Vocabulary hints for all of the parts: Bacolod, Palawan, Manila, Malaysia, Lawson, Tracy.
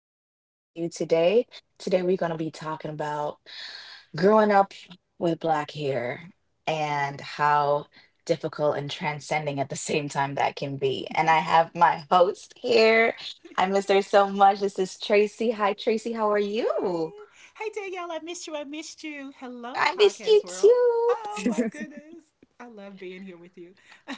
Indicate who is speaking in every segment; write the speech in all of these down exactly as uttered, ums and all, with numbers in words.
Speaker 1: To be back with you today. Today, we're going to be talking about growing up with black hair and how difficult and transcending at the same time that can be. And I have my host here. I miss her so much. This is Tracy. Hi, Tracy. How are you?
Speaker 2: Yay! Hey Danielle, I missed you. I missed you. Hello,
Speaker 1: I missed you
Speaker 2: podcast world.
Speaker 1: too.
Speaker 2: Oh my goodness, I love being here with you. I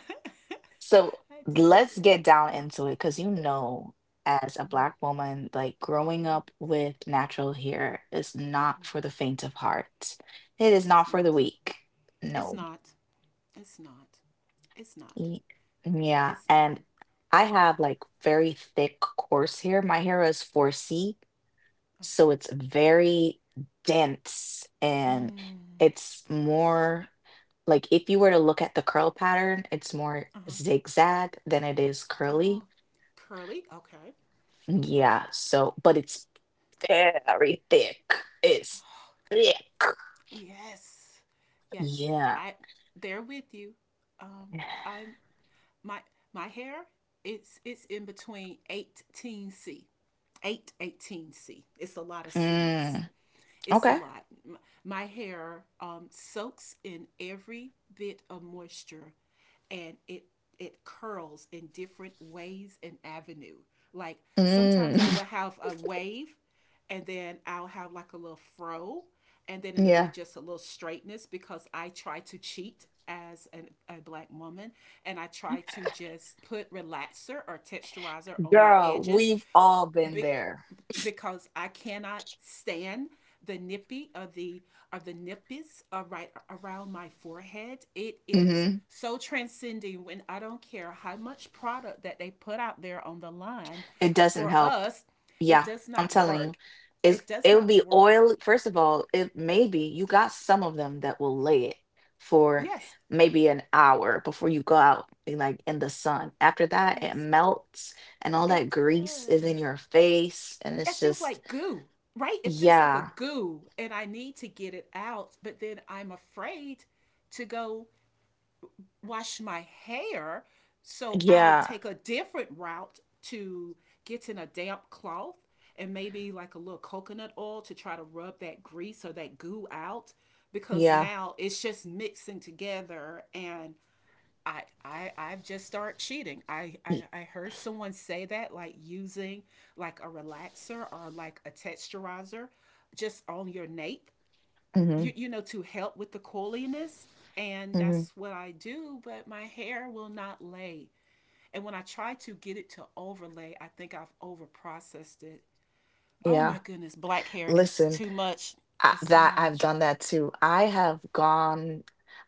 Speaker 1: So let's
Speaker 2: do.
Speaker 1: get down into it because you know, as a Black woman, like growing
Speaker 2: Mhm.
Speaker 1: up with natural hair is not for the faint of heart. It is
Speaker 2: It's
Speaker 1: not for the
Speaker 2: not.
Speaker 1: weak.
Speaker 2: It's
Speaker 1: No.
Speaker 2: not. It's not. It's not.
Speaker 1: Y- Yeah.
Speaker 2: It's
Speaker 1: And
Speaker 2: not.
Speaker 1: I have like very thick, coarse hair. My hair is four C, so
Speaker 2: Okay.
Speaker 1: it's very dense, and
Speaker 2: Mm.
Speaker 1: it's more like if you were to look at the curl pattern, it's more
Speaker 2: Uh huh.
Speaker 1: zigzag than it is curly.
Speaker 2: Oh, curly. Okay. Okay.
Speaker 1: Yeah, so, but it's very thick. It's thick.
Speaker 2: Yes. Yes.
Speaker 1: Yeah.
Speaker 2: I. They're with you. Um. I'm. my my hair, it's it's in between eighteen C. eight eighteen C. It's a lot of
Speaker 1: Mm,
Speaker 2: C's. It's a
Speaker 1: okay.
Speaker 2: lot. My hair um, soaks in every bit of moisture, and it it curls in different ways and avenue. Like
Speaker 1: Mm,
Speaker 2: sometimes I will have a wave, and then I'll have like a little fro, and then it'll be
Speaker 1: yeah.
Speaker 2: just a little straightness because I try to cheat as an, a black woman, and I try to just put relaxer or texturizer on my
Speaker 1: Girl,
Speaker 2: edges
Speaker 1: we've all been
Speaker 2: be-
Speaker 1: there.
Speaker 2: because I cannot stand the nippy or the or the nippies are right around my forehead. It is
Speaker 1: hmm
Speaker 2: so transcending when I don't care how much product that they put out there on the line
Speaker 1: It doesn't
Speaker 2: for
Speaker 1: help.
Speaker 2: us, it
Speaker 1: Yeah,
Speaker 2: does
Speaker 1: I'm
Speaker 2: not
Speaker 1: telling you.
Speaker 2: work.
Speaker 1: It's
Speaker 2: It does
Speaker 1: it would
Speaker 2: not
Speaker 1: be
Speaker 2: work.
Speaker 1: oil. First of all, it maybe you got some of them that will lay it for
Speaker 2: Yes,
Speaker 1: maybe an hour before you go out in, like in the sun. After that, it
Speaker 2: yes,
Speaker 1: melts and all that
Speaker 2: it
Speaker 1: grease is
Speaker 2: does.
Speaker 1: in your face, and
Speaker 2: It
Speaker 1: it's
Speaker 2: feels
Speaker 1: just
Speaker 2: like goo, right? It feels like a
Speaker 1: yeah.
Speaker 2: goo, and I need to get it out, but then I'm afraid to go wash my hair. So I'll
Speaker 1: Yeah.
Speaker 2: take a different route to getting a damp cloth and maybe like a little coconut oil to try to rub that grease or that goo out because
Speaker 1: Yeah.
Speaker 2: now it's just mixing together. And I I I've just started cheating. I, I I heard someone say that like using like a relaxer or like a texturizer just on your nape,
Speaker 1: Mm-hmm,
Speaker 2: you, you know, to help with the coiliness. And
Speaker 1: mm-hmm,
Speaker 2: that's what I do, but my hair will not lay. And when I try to get it to overlay, I think I've over processed it. Oh
Speaker 1: yeah.
Speaker 2: my goodness, black hair is
Speaker 1: Listen.
Speaker 2: too much.
Speaker 1: I,
Speaker 2: It's too
Speaker 1: that I've
Speaker 2: much.
Speaker 1: done that too. I have gone,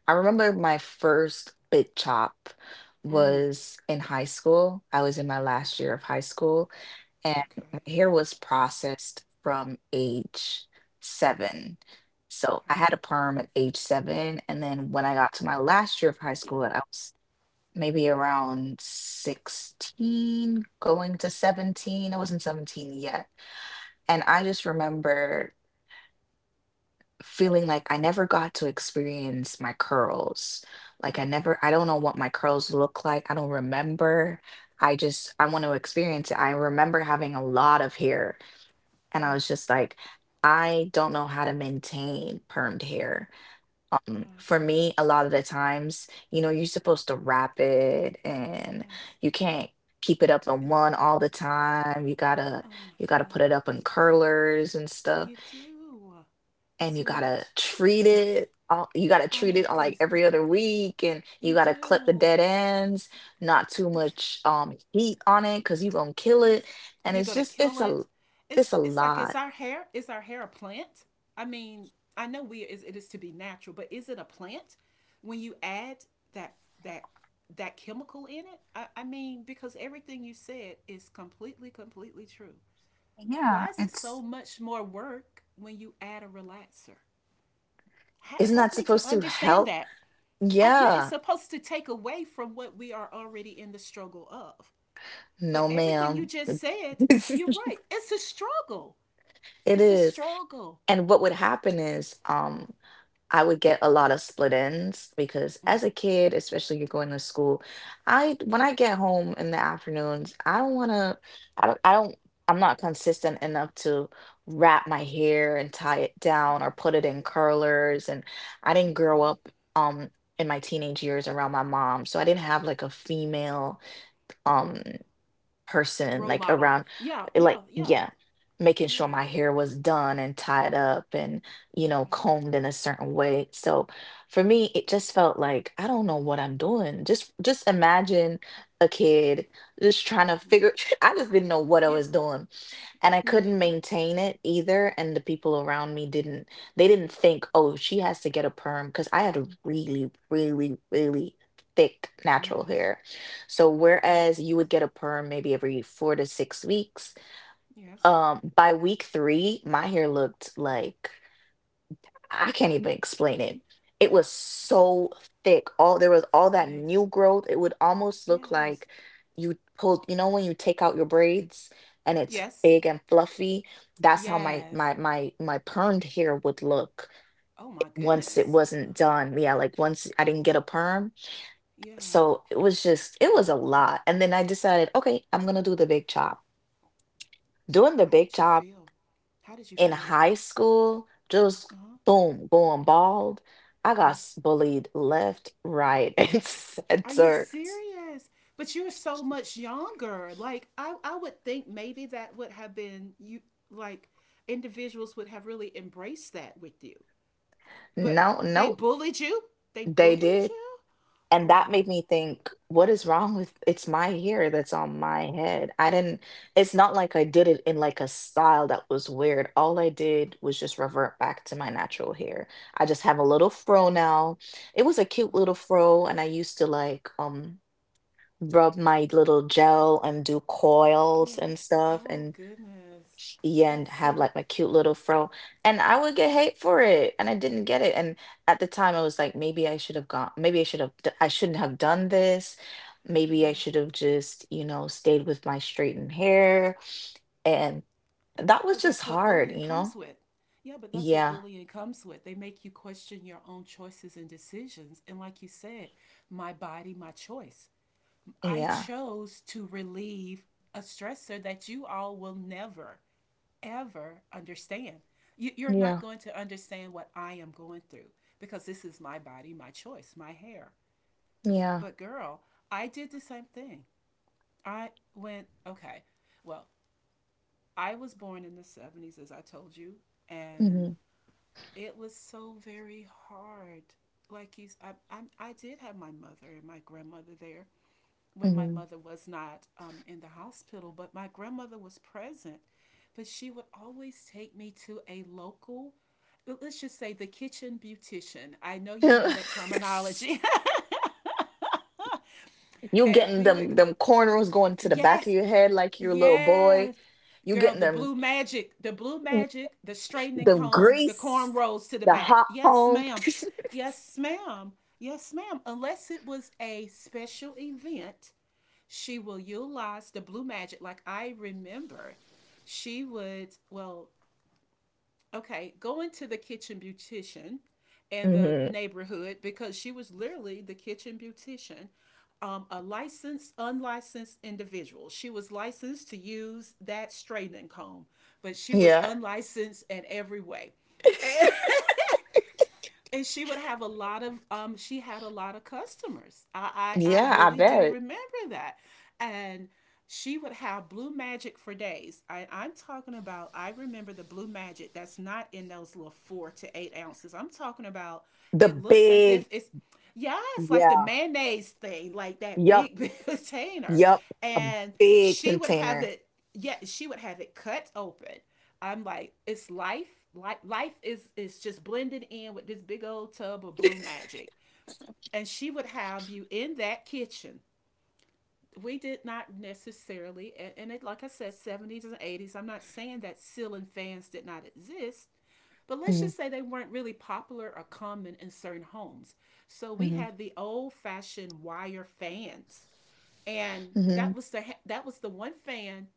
Speaker 1: I remember my first big chop
Speaker 2: Mm.
Speaker 1: was in high school. I was in my last year
Speaker 2: Okay,
Speaker 1: of high school, and my
Speaker 2: okay,
Speaker 1: hair was processed from age seven. So I
Speaker 2: okay,
Speaker 1: had a perm at age seven. And then when I got to my last year of high school, I was maybe around sixteen, going to seventeen. I wasn't seventeen yet. And I just remember feeling like I never got to experience my curls. Like I
Speaker 2: okay.
Speaker 1: never, I don't know what my curls look like. I don't remember. I just, I want to experience it. I remember having a lot of hair, and I was
Speaker 2: Yes,
Speaker 1: just like, I don't know how to maintain permed hair. Um,
Speaker 2: I
Speaker 1: for
Speaker 2: agree.
Speaker 1: me, a lot of the times, you know, you're supposed to wrap it, and
Speaker 2: Yes,
Speaker 1: you can't keep it up in
Speaker 2: it's,
Speaker 1: one all the time. You gotta,
Speaker 2: oh my
Speaker 1: you gotta put it up in
Speaker 2: goodness.
Speaker 1: curlers and stuff,
Speaker 2: You do. It's
Speaker 1: and you
Speaker 2: too
Speaker 1: gotta
Speaker 2: much.
Speaker 1: treat it all you gotta
Speaker 2: Oh
Speaker 1: treat
Speaker 2: my
Speaker 1: it uh, like
Speaker 2: goodness,
Speaker 1: every other week, and you
Speaker 2: you
Speaker 1: gotta clip the
Speaker 2: do.
Speaker 1: dead ends not too much um heat on it because you gonna kill it,
Speaker 2: Yes.
Speaker 1: and
Speaker 2: You're
Speaker 1: it's
Speaker 2: gonna
Speaker 1: just it's
Speaker 2: kill
Speaker 1: a
Speaker 2: it.
Speaker 1: it's
Speaker 2: It's
Speaker 1: a
Speaker 2: it's like, it's
Speaker 1: lot.
Speaker 2: our hair. Is our hair a plant? I mean, I know we is it is to be natural, but is it a plant when you add that that that chemical in it? I, I mean, because everything you said is completely, completely true. Why
Speaker 1: Yeah,
Speaker 2: is it so
Speaker 1: it's
Speaker 2: much more work when you add a relaxer? Ha-
Speaker 1: isn't
Speaker 2: help
Speaker 1: that
Speaker 2: me to
Speaker 1: supposed to
Speaker 2: understand
Speaker 1: help,
Speaker 2: that. I, yeah, it's
Speaker 1: yeah,
Speaker 2: supposed to take away from what we are already in the struggle of. But
Speaker 1: no
Speaker 2: everything you
Speaker 1: ma'am.
Speaker 2: just said,
Speaker 1: It
Speaker 2: you're right. It's a struggle. It's a
Speaker 1: is.
Speaker 2: struggle.
Speaker 1: And what would happen is um I would get a lot of split ends because as a kid, especially you're going to school, I when I get home in the afternoons, I don't want to I don't I don't I'm not consistent enough to wrap my hair and tie it down
Speaker 2: Okay.
Speaker 1: or put it in curlers, and I
Speaker 2: Okay.
Speaker 1: didn't grow
Speaker 2: Okay.
Speaker 1: up um in my teenage years around my mom, so I didn't have like a female um person
Speaker 2: Role
Speaker 1: like
Speaker 2: model.
Speaker 1: around
Speaker 2: Yeah.
Speaker 1: eh, like
Speaker 2: Yeah. Yeah.
Speaker 1: yeah making sure
Speaker 2: Yeah.
Speaker 1: my hair was done and tied up and you know
Speaker 2: Okay.
Speaker 1: combed in a certain way. So for me it just felt like I don't know what I'm doing. just just imagine a kid just trying to figure I just didn't know what I
Speaker 2: Yeah.
Speaker 1: was doing, and I
Speaker 2: Me
Speaker 1: couldn't
Speaker 2: neither.
Speaker 1: maintain it either. And the people around me didn't, they didn't think, oh, she has to get a perm, because I had a really, really, really thick natural
Speaker 2: Yes.
Speaker 1: hair. So
Speaker 2: Oh my
Speaker 1: whereas you would
Speaker 2: goodness.
Speaker 1: get a perm maybe every four to six weeks,
Speaker 2: Yes.
Speaker 1: um, by week three, my hair looked like I can't even explain it. It was
Speaker 2: Yes.
Speaker 1: so thick. All there was all that
Speaker 2: Yes.
Speaker 1: new growth. It would almost look
Speaker 2: Yes.
Speaker 1: like you pulled, you know, when you take out your braids and it's
Speaker 2: Yes.
Speaker 1: big and fluffy. That's how my
Speaker 2: Yes.
Speaker 1: my my my permed hair would look
Speaker 2: Oh my
Speaker 1: once it
Speaker 2: goodness.
Speaker 1: wasn't done. Yeah, like once I didn't get a perm.
Speaker 2: Yeah.
Speaker 1: So it was just it was a lot. And then I decided, okay, I'm gonna do the big chop. Doing the
Speaker 2: How
Speaker 1: big
Speaker 2: did you
Speaker 1: chop
Speaker 2: feel? How did you
Speaker 1: in
Speaker 2: feel?
Speaker 1: high school, just
Speaker 2: Uh huh.
Speaker 1: boom, going bald. I got s-
Speaker 2: Yes.
Speaker 1: bullied left, right, and
Speaker 2: Are you
Speaker 1: center.
Speaker 2: serious? But you were so much younger. Like I, I would think maybe that would have been you, like, individuals would have really embraced that with you. But
Speaker 1: No,
Speaker 2: they
Speaker 1: nope,
Speaker 2: bullied you? They
Speaker 1: they
Speaker 2: bullied
Speaker 1: did.
Speaker 2: you?
Speaker 1: And
Speaker 2: Oh
Speaker 1: that
Speaker 2: wow.
Speaker 1: made me think, what is wrong with it's my hair that's on my head. I didn't, it's not like I did it in like a style that was weird. All I did was just revert back to my natural hair. I just have a little fro now. It was a cute little fro, and I used to like um rub my little gel and do coils
Speaker 2: Yeah.
Speaker 1: and stuff,
Speaker 2: Oh
Speaker 1: and
Speaker 2: goodness.
Speaker 1: yeah and
Speaker 2: That's
Speaker 1: have like my cute little fro, and I would get hate for it, and I didn't get it. And at the time I was like, maybe I should have gone, maybe I should have d- I shouldn't have done this, maybe I
Speaker 2: yeah.
Speaker 1: should have just you know stayed with my straightened hair. And that was
Speaker 2: But
Speaker 1: just
Speaker 2: that's what
Speaker 1: hard,
Speaker 2: bullying
Speaker 1: you know.
Speaker 2: comes with. Yeah, but that's what
Speaker 1: Yeah.
Speaker 2: bullying comes with. They make you question your own choices and decisions. And like you said, my body, my choice. I
Speaker 1: Yeah.
Speaker 2: chose to relieve a stressor that you all will never, ever understand. You, you're not
Speaker 1: Yeah.
Speaker 2: going to understand what I am going through because this is my body, my choice, my hair.
Speaker 1: yeah
Speaker 2: But girl, I did the same thing. I went, okay, well, I was born in the seventies, as I told you, and
Speaker 1: hmm.
Speaker 2: it was so very hard. Like he's, I, I, I did have my mother and my grandmother there, when my
Speaker 1: Hmm.
Speaker 2: mother was not um, in the hospital, but my grandmother was present. But she would always take me to a local, let's just say, the kitchen beautician. I know you know that terminology.
Speaker 1: You
Speaker 2: And
Speaker 1: getting
Speaker 2: we would,
Speaker 1: them them cornrows going to the back of
Speaker 2: yes,
Speaker 1: your head like your little boy.
Speaker 2: yes.
Speaker 1: You
Speaker 2: Girl,
Speaker 1: getting
Speaker 2: the
Speaker 1: them
Speaker 2: blue magic, the blue magic, the straightening
Speaker 1: the
Speaker 2: comb, the
Speaker 1: grease,
Speaker 2: cornrows to the
Speaker 1: the
Speaker 2: back.
Speaker 1: hot
Speaker 2: Yes,
Speaker 1: comb.
Speaker 2: ma'am. Yes, ma'am. Yes, ma'am. Unless it was a special event, she will utilize the blue magic. Like I remember, she would, well, okay, go into the kitchen beautician in the
Speaker 1: Hmm.
Speaker 2: neighborhood because she was literally the kitchen beautician, um, a licensed, unlicensed individual. She was licensed to use that straightening comb, but she was
Speaker 1: Yeah,
Speaker 2: unlicensed in every way. And and she would have a lot of um she had a lot of customers. I i, I
Speaker 1: yeah, I
Speaker 2: really do
Speaker 1: bet.
Speaker 2: remember that, and she would have blue magic for days. I, I'm talking about, I remember the blue magic that's not in those little four to eight ounces. I'm talking about,
Speaker 1: The
Speaker 2: it looks as
Speaker 1: big.
Speaker 2: if it's, yes, like the
Speaker 1: Yeah,
Speaker 2: mayonnaise thing, like that
Speaker 1: yup,
Speaker 2: big, big container.
Speaker 1: yup, a
Speaker 2: And
Speaker 1: big
Speaker 2: she would have
Speaker 1: container.
Speaker 2: it, yeah, she would have it cut open. I'm like, it's life. Life, life is, is just blended in with this big old tub of blue magic. And she would have you in that kitchen. We did not necessarily, and, it, like I said, seventies and eighties, I'm not saying that ceiling fans did not exist, but let's
Speaker 1: Hmm.
Speaker 2: just say they weren't really popular or common in certain homes. So we
Speaker 1: Hmm.
Speaker 2: had the old fashioned wire fans. And that
Speaker 1: Hmm.
Speaker 2: was the that was the one fan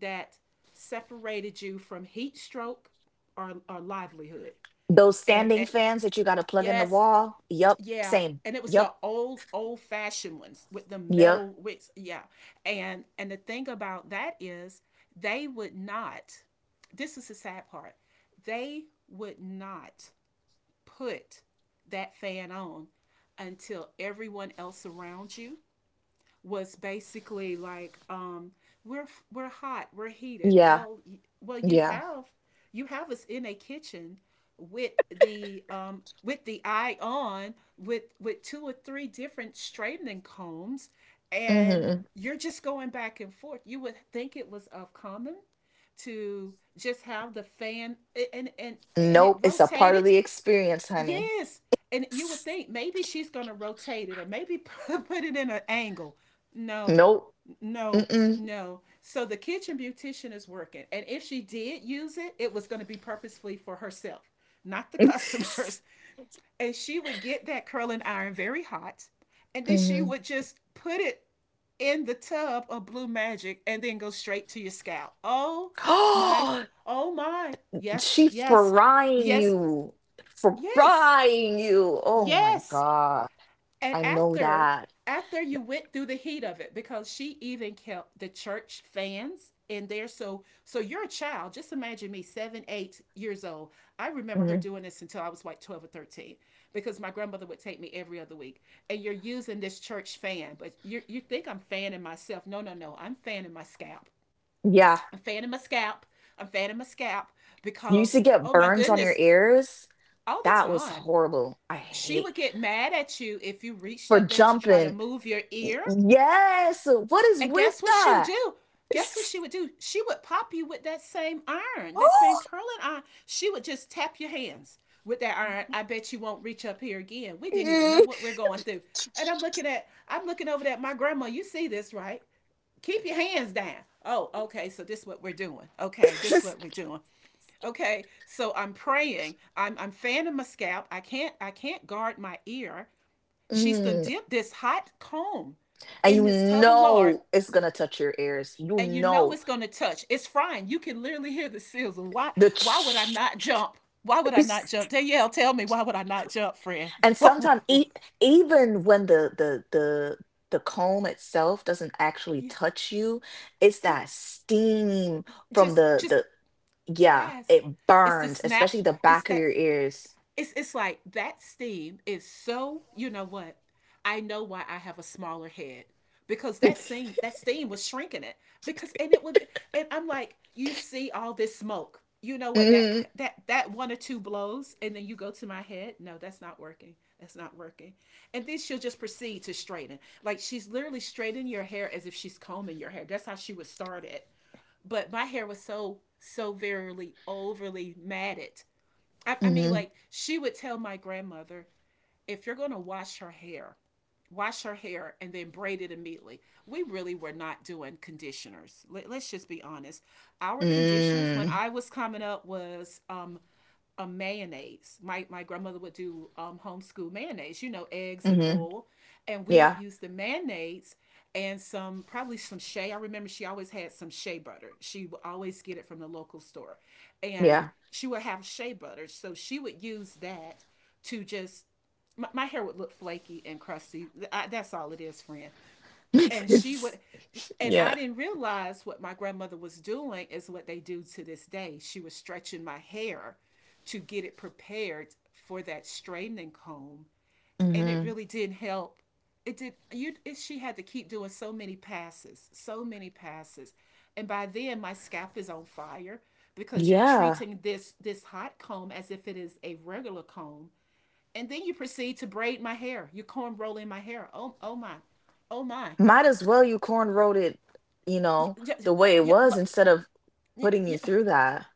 Speaker 2: that separated you from heat stroke, or, or livelihood.
Speaker 1: Those
Speaker 2: And,
Speaker 1: standing
Speaker 2: and
Speaker 1: fans that you got to plug in the
Speaker 2: yes,
Speaker 1: wall. Yup,
Speaker 2: yeah,
Speaker 1: same.
Speaker 2: and it was the
Speaker 1: Yup,
Speaker 2: old old fashioned ones with the
Speaker 1: yup,
Speaker 2: metal wicks. Yeah, and and the thing about that is they would not. This is the sad part. They would not put that fan on until everyone else around you was basically like um, we're we're hot, we're heated.
Speaker 1: yeah,
Speaker 2: Well, well, you
Speaker 1: yeah.
Speaker 2: have you have us in a kitchen with the um, with the eye on with with two or three different straightening combs, and
Speaker 1: Hmm.
Speaker 2: you're just going back and forth. You would think it was of common to just have the fan and and and it
Speaker 1: Nope, it's a part of
Speaker 2: rotated.
Speaker 1: the experience, honey.
Speaker 2: Yes. And you would think maybe she's going to rotate it or maybe put it in an angle. No,
Speaker 1: Nope.
Speaker 2: no,
Speaker 1: Mm-mm.
Speaker 2: no. So the kitchen beautician is working. And if she did use it, it was going to be purposefully for herself, not the customers. And she would get that curling iron very hot. And then she
Speaker 1: Mhm.
Speaker 2: would just put it in the tub of blue magic and then go straight to your scalp. Oh my, oh my. Yes,
Speaker 1: She
Speaker 2: yes,
Speaker 1: frying
Speaker 2: yes,
Speaker 1: you.
Speaker 2: yes,
Speaker 1: Frying you. Oh my
Speaker 2: yes.
Speaker 1: God.
Speaker 2: And
Speaker 1: I know
Speaker 2: after
Speaker 1: that.
Speaker 2: after you went through the heat of it, because she even kept the church fans in there. So so you're a child. Just imagine me, seven, eight years old. I remember her
Speaker 1: Mhm.
Speaker 2: doing this until I was like twelve or thirteen, because my grandmother would take me every other week. And you're using this church fan, but you you think I'm fanning myself? No, no, no. I'm fanning my scalp.
Speaker 1: Yeah.
Speaker 2: I'm fanning my scalp. I'm fanning my scalp
Speaker 1: You used
Speaker 2: because
Speaker 1: to get
Speaker 2: oh my
Speaker 1: burns on your
Speaker 2: goodness,
Speaker 1: ears.
Speaker 2: all the
Speaker 1: That was
Speaker 2: time.
Speaker 1: horrible. I
Speaker 2: She
Speaker 1: hate
Speaker 2: would get mad at you if you reached
Speaker 1: for
Speaker 2: up there to try to
Speaker 1: jumping.
Speaker 2: move your
Speaker 1: Y-
Speaker 2: ear.
Speaker 1: Yes. What is
Speaker 2: And
Speaker 1: with
Speaker 2: guess what she would
Speaker 1: that?
Speaker 2: do? Guess what she would do? She would pop you with that same iron, that same
Speaker 1: Oh.
Speaker 2: curling iron. She would just tap your hands with that iron. I bet you won't reach up here again. We didn't even know
Speaker 1: Mm.
Speaker 2: what we're going through. And I'm looking at, I'm looking over at my grandma. You see this, right? Keep your hands down. Oh, okay. So this is what we're doing. Okay, this is what we're doing. Okay. So I'm praying. I'm I'm fanning my scalp. I can't I can't guard my ear. She's done
Speaker 1: Mm.
Speaker 2: dipped this hot comb
Speaker 1: And
Speaker 2: in
Speaker 1: you
Speaker 2: this tub of lard,
Speaker 1: know it's gonna touch your ears. You
Speaker 2: and you know
Speaker 1: know
Speaker 2: it's gonna touch. It's frying. You can literally hear the sizzle. Why?
Speaker 1: the
Speaker 2: Why would I not jump? Why would I not jump? Danielle, tell me why would I not jump, friend?
Speaker 1: and sometimes e- even when the the the the comb itself doesn't actually
Speaker 2: Yes,
Speaker 1: touch you, it's
Speaker 2: yeah,
Speaker 1: that steam from
Speaker 2: just,
Speaker 1: the
Speaker 2: just
Speaker 1: the yeah
Speaker 2: yes.
Speaker 1: it
Speaker 2: It's the
Speaker 1: burns,
Speaker 2: snap.
Speaker 1: especially the
Speaker 2: It's
Speaker 1: back of
Speaker 2: that.
Speaker 1: your ears.
Speaker 2: it's it's like that steam is so, you know what, I know why I have a smaller head, because that steam, that steam was shrinking it. Because and it would be- and I'm like, you see all this smoke, you know what, that
Speaker 1: Mm.
Speaker 2: that that one or two blows and then you go to my head, no, that's not working, that's not working. And then she'll just proceed to straighten, like she's literally straightening your hair as if she's combing your hair, that's how she would start it. But my hair was so so verily overly matted. I, I mean,
Speaker 1: Mhm.
Speaker 2: like she would tell my grandmother, if you're gonna wash her hair, wash her hair and then braid it immediately. We really were not doing conditioners. Let, us just be honest. Our conditioners when
Speaker 1: Mm.
Speaker 2: I was coming up was um, a mayonnaise. My my grandmother would do um, homeschool mayonnaise, you know, eggs and
Speaker 1: Mhm.
Speaker 2: oil, and we would
Speaker 1: Yeah.
Speaker 2: use the mayonnaise and some probably some shea. I remember she always had some shea butter. She would always get it from the local store, and
Speaker 1: Yeah.
Speaker 2: she would have shea butter, so she would use that to just. My, my hair would look flaky and crusty. I, that's all it is, friend. And she
Speaker 1: It's-
Speaker 2: would, and I
Speaker 1: yeah.
Speaker 2: didn't realize what my grandmother was doing is what they do to this day. She was stretching my hair to get it prepared for that straightening comb, and it
Speaker 1: Mhm.
Speaker 2: really did help. It did. You it, she had to keep doing so many passes, so many passes, and by then my scalp is on fire because you're
Speaker 1: Yeah,
Speaker 2: treating this this hot comb as if it is a regular comb. And then you proceed to braid my hair, you comb rolling my hair. Oh oh my, oh my.
Speaker 1: might as well you cornrowed it, you know,
Speaker 2: Yeah,
Speaker 1: the way it
Speaker 2: yeah,
Speaker 1: was
Speaker 2: like,
Speaker 1: instead of
Speaker 2: yeah,
Speaker 1: putting
Speaker 2: yeah.
Speaker 1: you through that.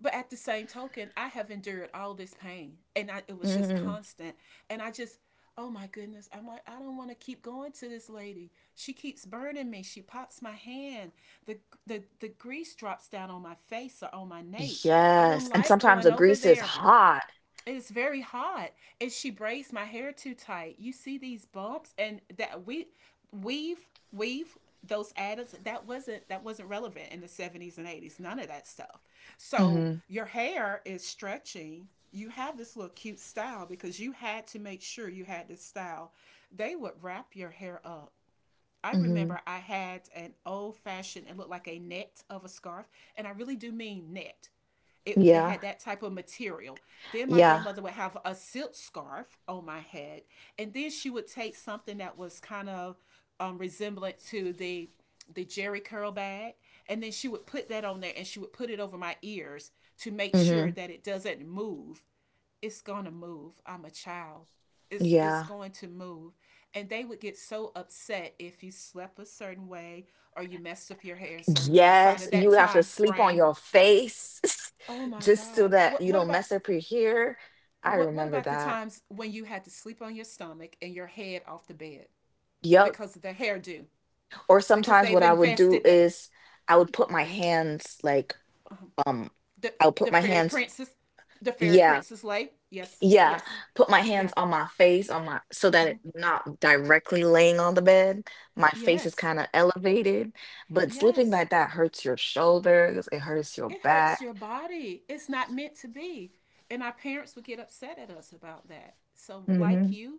Speaker 2: But at the same token, I have endured all this pain, and I, it was just
Speaker 1: Hmm.
Speaker 2: constant. And I just, oh my goodness, I'm like, I don't want to keep going to this lady. She keeps burning me. She pops my hand. The the the grease drops down on my face or on my nape. I don't
Speaker 1: Yes, and
Speaker 2: like
Speaker 1: sometimes
Speaker 2: going
Speaker 1: the
Speaker 2: over
Speaker 1: grease is
Speaker 2: there.
Speaker 1: hot.
Speaker 2: It's very hot, and she braids my hair too tight. You see these bumps, and that we weave weave those additives that wasn't that wasn't relevant in the seventies and eighties, none of that stuff. So
Speaker 1: Mhm,
Speaker 2: your hair is stretching, you have this little cute style because you had to make sure you had this style. They would wrap your hair up. I
Speaker 1: mhm.
Speaker 2: remember I had an old fashioned, it looked like a net of a scarf, and I really do mean net. It, it
Speaker 1: Yeah,
Speaker 2: had that type of material. Then my
Speaker 1: yeah.
Speaker 2: grandmother would have a silk scarf on my head, and then she would take something that was kind of um, resemblant to the the jerry curl bag, and then she would put that on there, and she would put it over my ears to make sure
Speaker 1: Mhm.
Speaker 2: that it doesn't move. It's gonna move. I'm a child. It's it's
Speaker 1: Yeah.
Speaker 2: going to move, and they would get so upset if you slept a certain way or you messed up your hair in certain inside
Speaker 1: Yes,
Speaker 2: of that
Speaker 1: you have to
Speaker 2: time
Speaker 1: sleep on
Speaker 2: frame.
Speaker 1: your face
Speaker 2: Oh my
Speaker 1: just
Speaker 2: God.
Speaker 1: so that
Speaker 2: What
Speaker 1: you
Speaker 2: what
Speaker 1: don't
Speaker 2: about,
Speaker 1: mess up your hair. I
Speaker 2: what what
Speaker 1: remember
Speaker 2: about the
Speaker 1: that.
Speaker 2: times when you had to sleep on your stomach and your head off the bed
Speaker 1: Yep.
Speaker 2: because of the hairdo?
Speaker 1: Or
Speaker 2: Because
Speaker 1: sometimes what
Speaker 2: they've
Speaker 1: I would do
Speaker 2: invested the
Speaker 1: is I would put my hands like, um,
Speaker 2: the,
Speaker 1: I would
Speaker 2: the
Speaker 1: put my
Speaker 2: fairy
Speaker 1: hands
Speaker 2: princess, the fairy
Speaker 1: yeah.
Speaker 2: princess lay. Yes,
Speaker 1: Yeah,
Speaker 2: yes,
Speaker 1: put my
Speaker 2: yeah,
Speaker 1: hands on my face, on my so that it not directly laying on the bed. My face is
Speaker 2: yes,
Speaker 1: kind of elevated, but sleeping
Speaker 2: yes.
Speaker 1: like that hurts your shoulders, it hurts
Speaker 2: It
Speaker 1: your
Speaker 2: hurts your
Speaker 1: back.
Speaker 2: body. It's not meant to be. And our parents would get upset at us about that. So, like
Speaker 1: Hmm.
Speaker 2: you,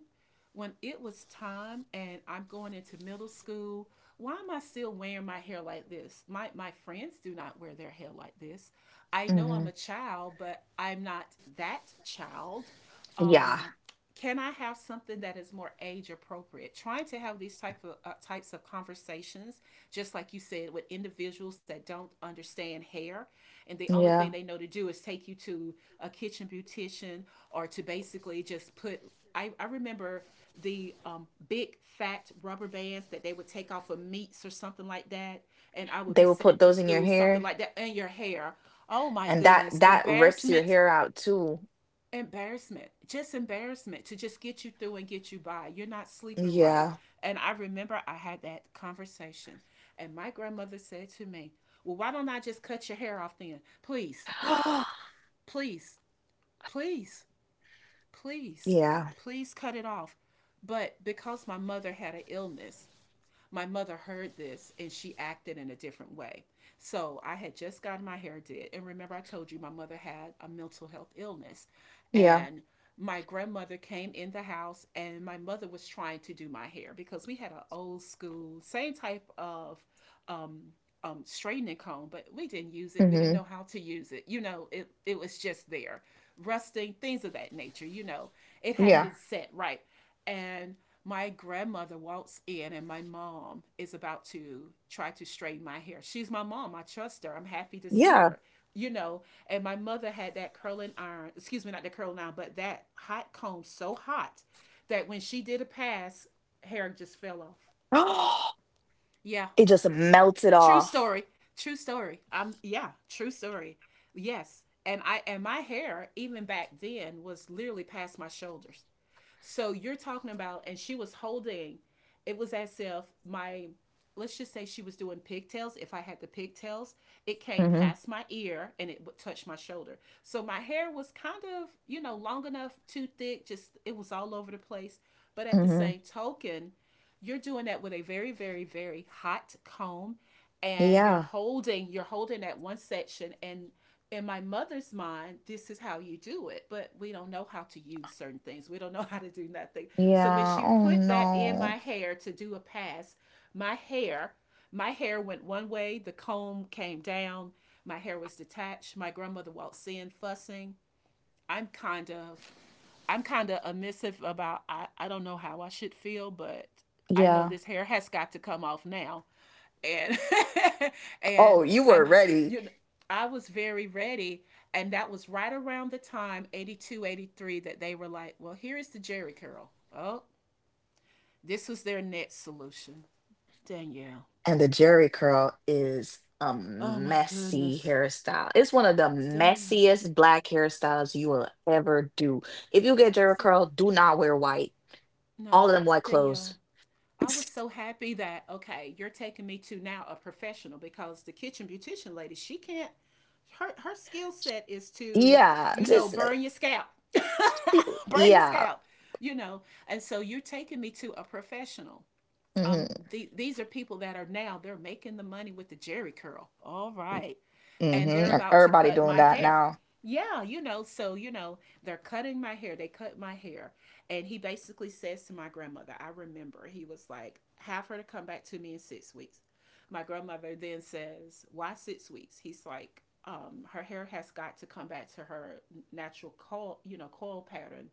Speaker 2: when it was time and I'm going into middle school, why am I still wearing my hair like this? My my friends do not wear their hair like this. I know I'm
Speaker 1: Hmm.
Speaker 2: a child, but I'm not that child.
Speaker 1: Yeah,
Speaker 2: Um, can I have something that is more age appropriate? Trying to have these type of uh, types of conversations, just like you said, with individuals that don't understand hair, and the only thing
Speaker 1: yeah.
Speaker 2: they know to do is take you to a kitchen beautician or to basically just put. I, I remember the um, big fat rubber bands that they would take off of meats or something like that, and I would be
Speaker 1: They will
Speaker 2: sent
Speaker 1: put
Speaker 2: to
Speaker 1: those in your
Speaker 2: school something
Speaker 1: hair,
Speaker 2: like that. And your hair, oh my
Speaker 1: and that
Speaker 2: goodness,
Speaker 1: that rips your
Speaker 2: embarrassment,
Speaker 1: hair out too.
Speaker 2: embarrassment, just embarrassment to just get you through and get you by. You're not sleeping right,
Speaker 1: Yeah.
Speaker 2: and I remember I had that conversation, and my grandmother said to me, well, why don't I just cut your hair off then? Please, please, please, please,
Speaker 1: Yeah.
Speaker 2: please cut it off. But because my mother had an illness, my mother heard this and she acted in a different way. So I had just gotten my hair did. And remember, I told you my mother had a mental health illness.
Speaker 1: Yeah.
Speaker 2: And my grandmother came in the house and my mother was trying to do my hair because we had an old school, same type of um, um, straightening comb, but we didn't use it. We didn't
Speaker 1: Hmm.
Speaker 2: know how to use it. You know, it, it was just there, rusting, things of that nature. You know, it hadn't
Speaker 1: Yeah.
Speaker 2: been set right. And my grandmother walks in, and my mom is about to try to straighten my hair. She's my mom. I trust her. I'm happy to see
Speaker 1: Yeah.
Speaker 2: her. You know, and my mother had that curling iron, excuse me, not the curling iron, but that hot comb so hot that when she did a pass, hair just fell off. Yeah,
Speaker 1: It just melts it
Speaker 2: true
Speaker 1: off.
Speaker 2: story. True story. Um yeah, true story. Yes. And I, and my hair even back then was literally past my shoulders. So you're talking about, and she was holding, it was as if my, let's just say she was doing pigtails. If I had the pigtails, it came
Speaker 1: Hmm.
Speaker 2: past my ear and it would touch my shoulder. So my hair was kind of, you know, long enough, too thick, just it was all over the place. But at the
Speaker 1: Hmm.
Speaker 2: same token, you're doing that with a very, very, very hot comb, and you're
Speaker 1: Yeah.
Speaker 2: holding you're holding that one section, and in my mother's mind this is how you do it. But we don't know how to use certain things. We don't know how to do nothing. So when
Speaker 1: Yeah.
Speaker 2: she
Speaker 1: Oh
Speaker 2: put that in
Speaker 1: no.
Speaker 2: my hair to do a pass, my hair my hair went one way, the comb came down, my hair was detached. My grandmother waltzed in fussing. i'm kind of I'm kind of amissive about, I, I don't know how I should feel, but I know
Speaker 1: Yeah.
Speaker 2: this hair has got to come off now. And and
Speaker 1: Oh, you were
Speaker 2: I'm
Speaker 1: ready.
Speaker 2: you know, I was very ready. And that was right around the time eighty-two eighty-three that they were like, "Well, here is the Jerry curl." Oh, this was their next solution. Danielle.
Speaker 1: And the Jerry curl is a
Speaker 2: Oh my
Speaker 1: messy
Speaker 2: goodness.
Speaker 1: hairstyle. It's one of the
Speaker 2: It's Danielle.
Speaker 1: messiest black hairstyles you will ever do. If you get
Speaker 2: It's
Speaker 1: Jerry
Speaker 2: Dan-
Speaker 1: curl, do not wear white.
Speaker 2: no,
Speaker 1: All of them white clothes.
Speaker 2: Danielle. I was so happy that, okay, you're taking me to now a professional because the kitchen beautician lady, she can't, her her skill set is to,
Speaker 1: Yeah,
Speaker 2: you know,
Speaker 1: just
Speaker 2: burn your scalp.
Speaker 1: n-
Speaker 2: Burn your
Speaker 1: yeah.
Speaker 2: scalp, you know. And so you're taking me to a professional, um,
Speaker 1: Mm-hmm.
Speaker 2: the, these are people that are now they're making the money with the jerry curl, all right. And they're
Speaker 1: Mm-hmm. And
Speaker 2: about to
Speaker 1: everybody
Speaker 2: cut
Speaker 1: doing
Speaker 2: my
Speaker 1: that
Speaker 2: hair,
Speaker 1: now.
Speaker 2: yeah, you know, so you know, they're cutting my hair they cut my hair. And he basically says to my grandmother, I remember he was like, have her to come back to me in six weeks. My grandmother then says, why six weeks? He's like, um, her hair has got to come back to her natural coil, you know, coil pattern,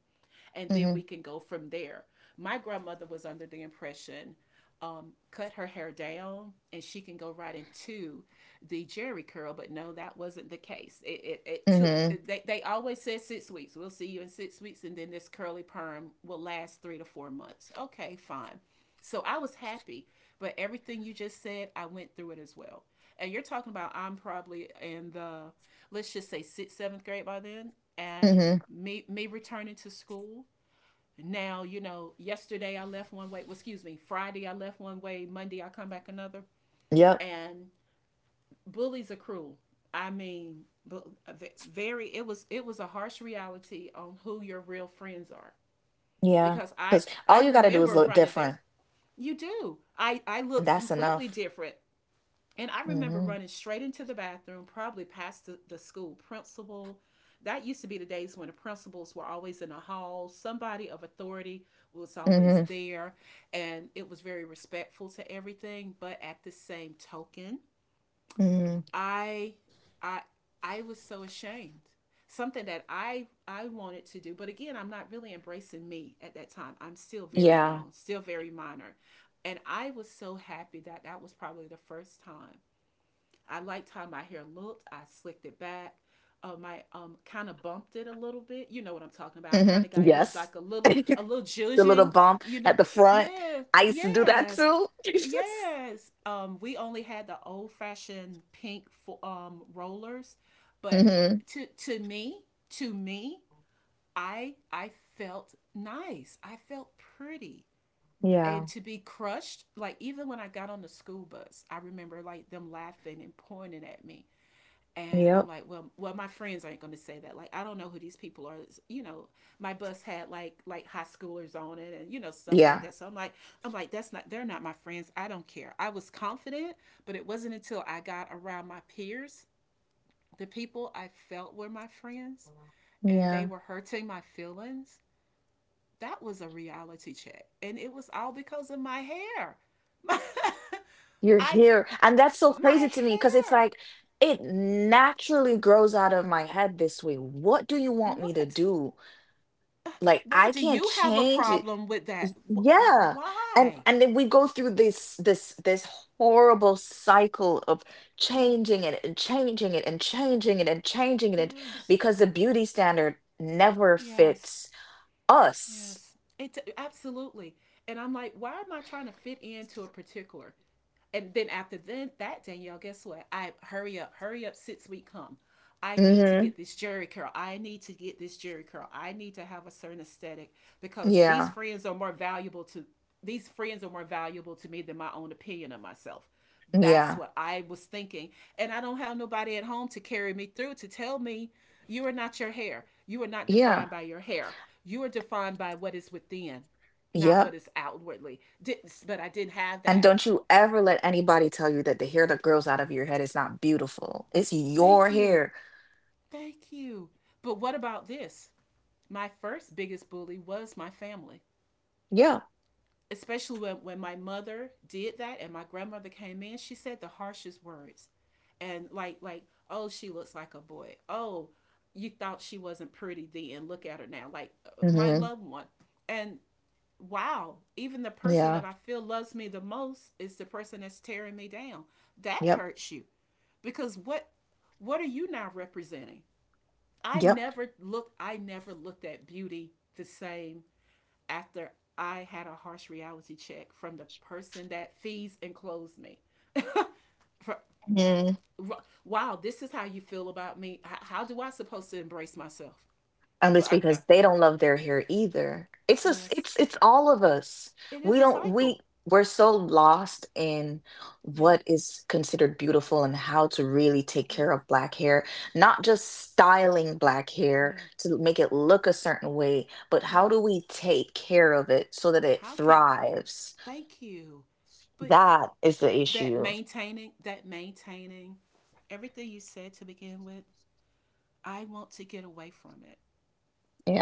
Speaker 2: and then
Speaker 1: Mm-hmm.
Speaker 2: we can go from there. My grandmother was under the impression, um, cut her hair down and she can go right into the jerry curl. But no, that wasn't the case. It, it, it took,
Speaker 1: Mm-hmm.
Speaker 2: they, they always said six weeks. We'll see you in six weeks. And then this curly perm will last three to four months. Okay, fine. So I was happy. But everything you just said, I went through it as well. And you're talking about, I'm probably in the, let's just say sixth, seventh grade by then. And
Speaker 1: Mm-hmm.
Speaker 2: me me returning to school, now you know, yesterday I left one way, well, excuse me, Friday I left one way, Monday I come back another.
Speaker 1: Yep.
Speaker 2: And bullies are cruel. I mean, very, it was, it was a harsh reality on who your real friends are.
Speaker 1: Yeah.
Speaker 2: Because i
Speaker 1: Because
Speaker 2: i
Speaker 1: all you gotta do is
Speaker 2: remember
Speaker 1: look
Speaker 2: running there,
Speaker 1: different,
Speaker 2: you do, i i
Speaker 1: and
Speaker 2: looked
Speaker 1: that's
Speaker 2: completely
Speaker 1: enough.
Speaker 2: different. And I remember
Speaker 1: Mm-hmm.
Speaker 2: running straight into the bathroom, probably past the, the school principal. That used to be the days when the principals were always in the hall. Somebody of authority was always
Speaker 1: Mm-hmm.
Speaker 2: there, and it was very respectful to everything. But at the same token,
Speaker 1: Mm,
Speaker 2: I, I, I was so ashamed. Something that I I wanted to do, but again, I'm not really embracing me at that time. I'm still very
Speaker 1: yeah.
Speaker 2: young, still very minor, and I was so happy that that was probably the first time I liked how my hair looked. I slicked it back. Um, I um kind of bumped it a little bit. You know what I'm talking about.
Speaker 1: Hmm.
Speaker 2: Kind of gave it
Speaker 1: Yes.
Speaker 2: like a little
Speaker 1: The
Speaker 2: a little
Speaker 1: little
Speaker 2: judging.
Speaker 1: bump
Speaker 2: You
Speaker 1: at
Speaker 2: know,
Speaker 1: the front.
Speaker 2: yeah,
Speaker 1: I used to do that
Speaker 2: yes,
Speaker 1: too.
Speaker 2: yes. Um, we only had the old fashioned pink um rollers, but
Speaker 1: Hmm.
Speaker 2: to to me, to me, I I felt nice. I felt pretty.
Speaker 1: Yeah.
Speaker 2: And to be crushed, like even when I got on the school bus, I remember like them laughing and pointing at me, and I'm
Speaker 1: Yep.
Speaker 2: like, well, well, my friends aren't going to say that. Like, I don't know who these people are. You know, my bus had like like high schoolers on it, and you know stuff like
Speaker 1: Yeah.
Speaker 2: that. So I'm like, I'm like, that's not. They're not my friends. I don't care. I was confident, but it wasn't until I got around my peers, the people I felt were my friends, and they
Speaker 1: Yeah.
Speaker 2: were hurting my feelings. That was a reality check, and it was all because of my hair.
Speaker 1: You're
Speaker 2: I
Speaker 1: here. And that's so
Speaker 2: my
Speaker 1: crazy to me because it's
Speaker 2: hair.
Speaker 1: like it naturally grows out of my head this way. What do you want me to
Speaker 2: What?
Speaker 1: do? Like
Speaker 2: Why
Speaker 1: I
Speaker 2: do
Speaker 1: can't
Speaker 2: you have a
Speaker 1: change it.
Speaker 2: problem with that?
Speaker 1: Y- Yeah. And
Speaker 2: Why?
Speaker 1: and then we go through this this this horrible cycle of
Speaker 2: Yeah.
Speaker 1: changing it and changing it and changing it and changing it and-
Speaker 2: Yes.
Speaker 1: because the beauty standard never
Speaker 2: Yes.
Speaker 1: fits us.
Speaker 2: Yes. It absolutely. And I'm like, why am I trying to fit into a particular? And then after then that, Danielle, guess what? I hurry up, hurry up, six week come. I need to
Speaker 1: Mm-hmm.
Speaker 2: get this jerry curl. I need to get this jerry curl. I need to have a certain aesthetic because these
Speaker 1: Yeah.
Speaker 2: friends are more valuable to these friends are more valuable to me than my own opinion of myself. That's
Speaker 1: Yeah.
Speaker 2: what I was thinking. And I don't have nobody at home to carry me through to tell me you are not your hair. You are not
Speaker 1: Yeah.
Speaker 2: defined by your hair. You are defined by what is within, not
Speaker 1: Yep.
Speaker 2: what is outwardly. Didn't, but I didn't have
Speaker 1: And
Speaker 2: that.
Speaker 1: don't you ever let anybody tell you that the hair that grows out of your head is not beautiful. It's your
Speaker 2: Thank you.
Speaker 1: hair.
Speaker 2: Thank you. But what about this? My first biggest bully was my family,
Speaker 1: Yeah.
Speaker 2: especially when, when my mother did that and my grandmother came in. She said the harshest words. And like, like, oh, she looks like a boy. Oh, you thought she wasn't pretty then. Look at her now. Like uh, my
Speaker 1: Mm-hmm.
Speaker 2: loved one. And wow, even the person that
Speaker 1: Yeah.
Speaker 2: I feel loves me the most is the person that's tearing me down. That
Speaker 1: Yep.
Speaker 2: hurts you. Because what what are you now representing? I
Speaker 1: Yep.
Speaker 2: never looked I never looked at beauty the same after I had a harsh reality check from the person that feeds and clothes me. For,
Speaker 1: Mhm.
Speaker 2: wow, this is how you feel about me. How, how do I supposed to embrace myself?
Speaker 1: And
Speaker 2: Well,
Speaker 1: it's
Speaker 2: I, I,
Speaker 1: because they don't love their hair either. It's us.
Speaker 2: yes,
Speaker 1: It's it's all of us.
Speaker 2: it is
Speaker 1: We
Speaker 2: a
Speaker 1: don't.
Speaker 2: cycle.
Speaker 1: We we're so lost in
Speaker 2: Yeah,
Speaker 1: what is considered beautiful and how to really take
Speaker 2: yeah,
Speaker 1: care of black hair. Not just styling black
Speaker 2: yeah,
Speaker 1: hair to make it look a certain way, but
Speaker 2: yeah.
Speaker 1: how do we take care of it so that it
Speaker 2: How can?
Speaker 1: thrives?
Speaker 2: Thank you, but
Speaker 1: That is the
Speaker 2: that
Speaker 1: issue.
Speaker 2: maintaining, that maintaining, everything you said to begin with, I want to get away from it.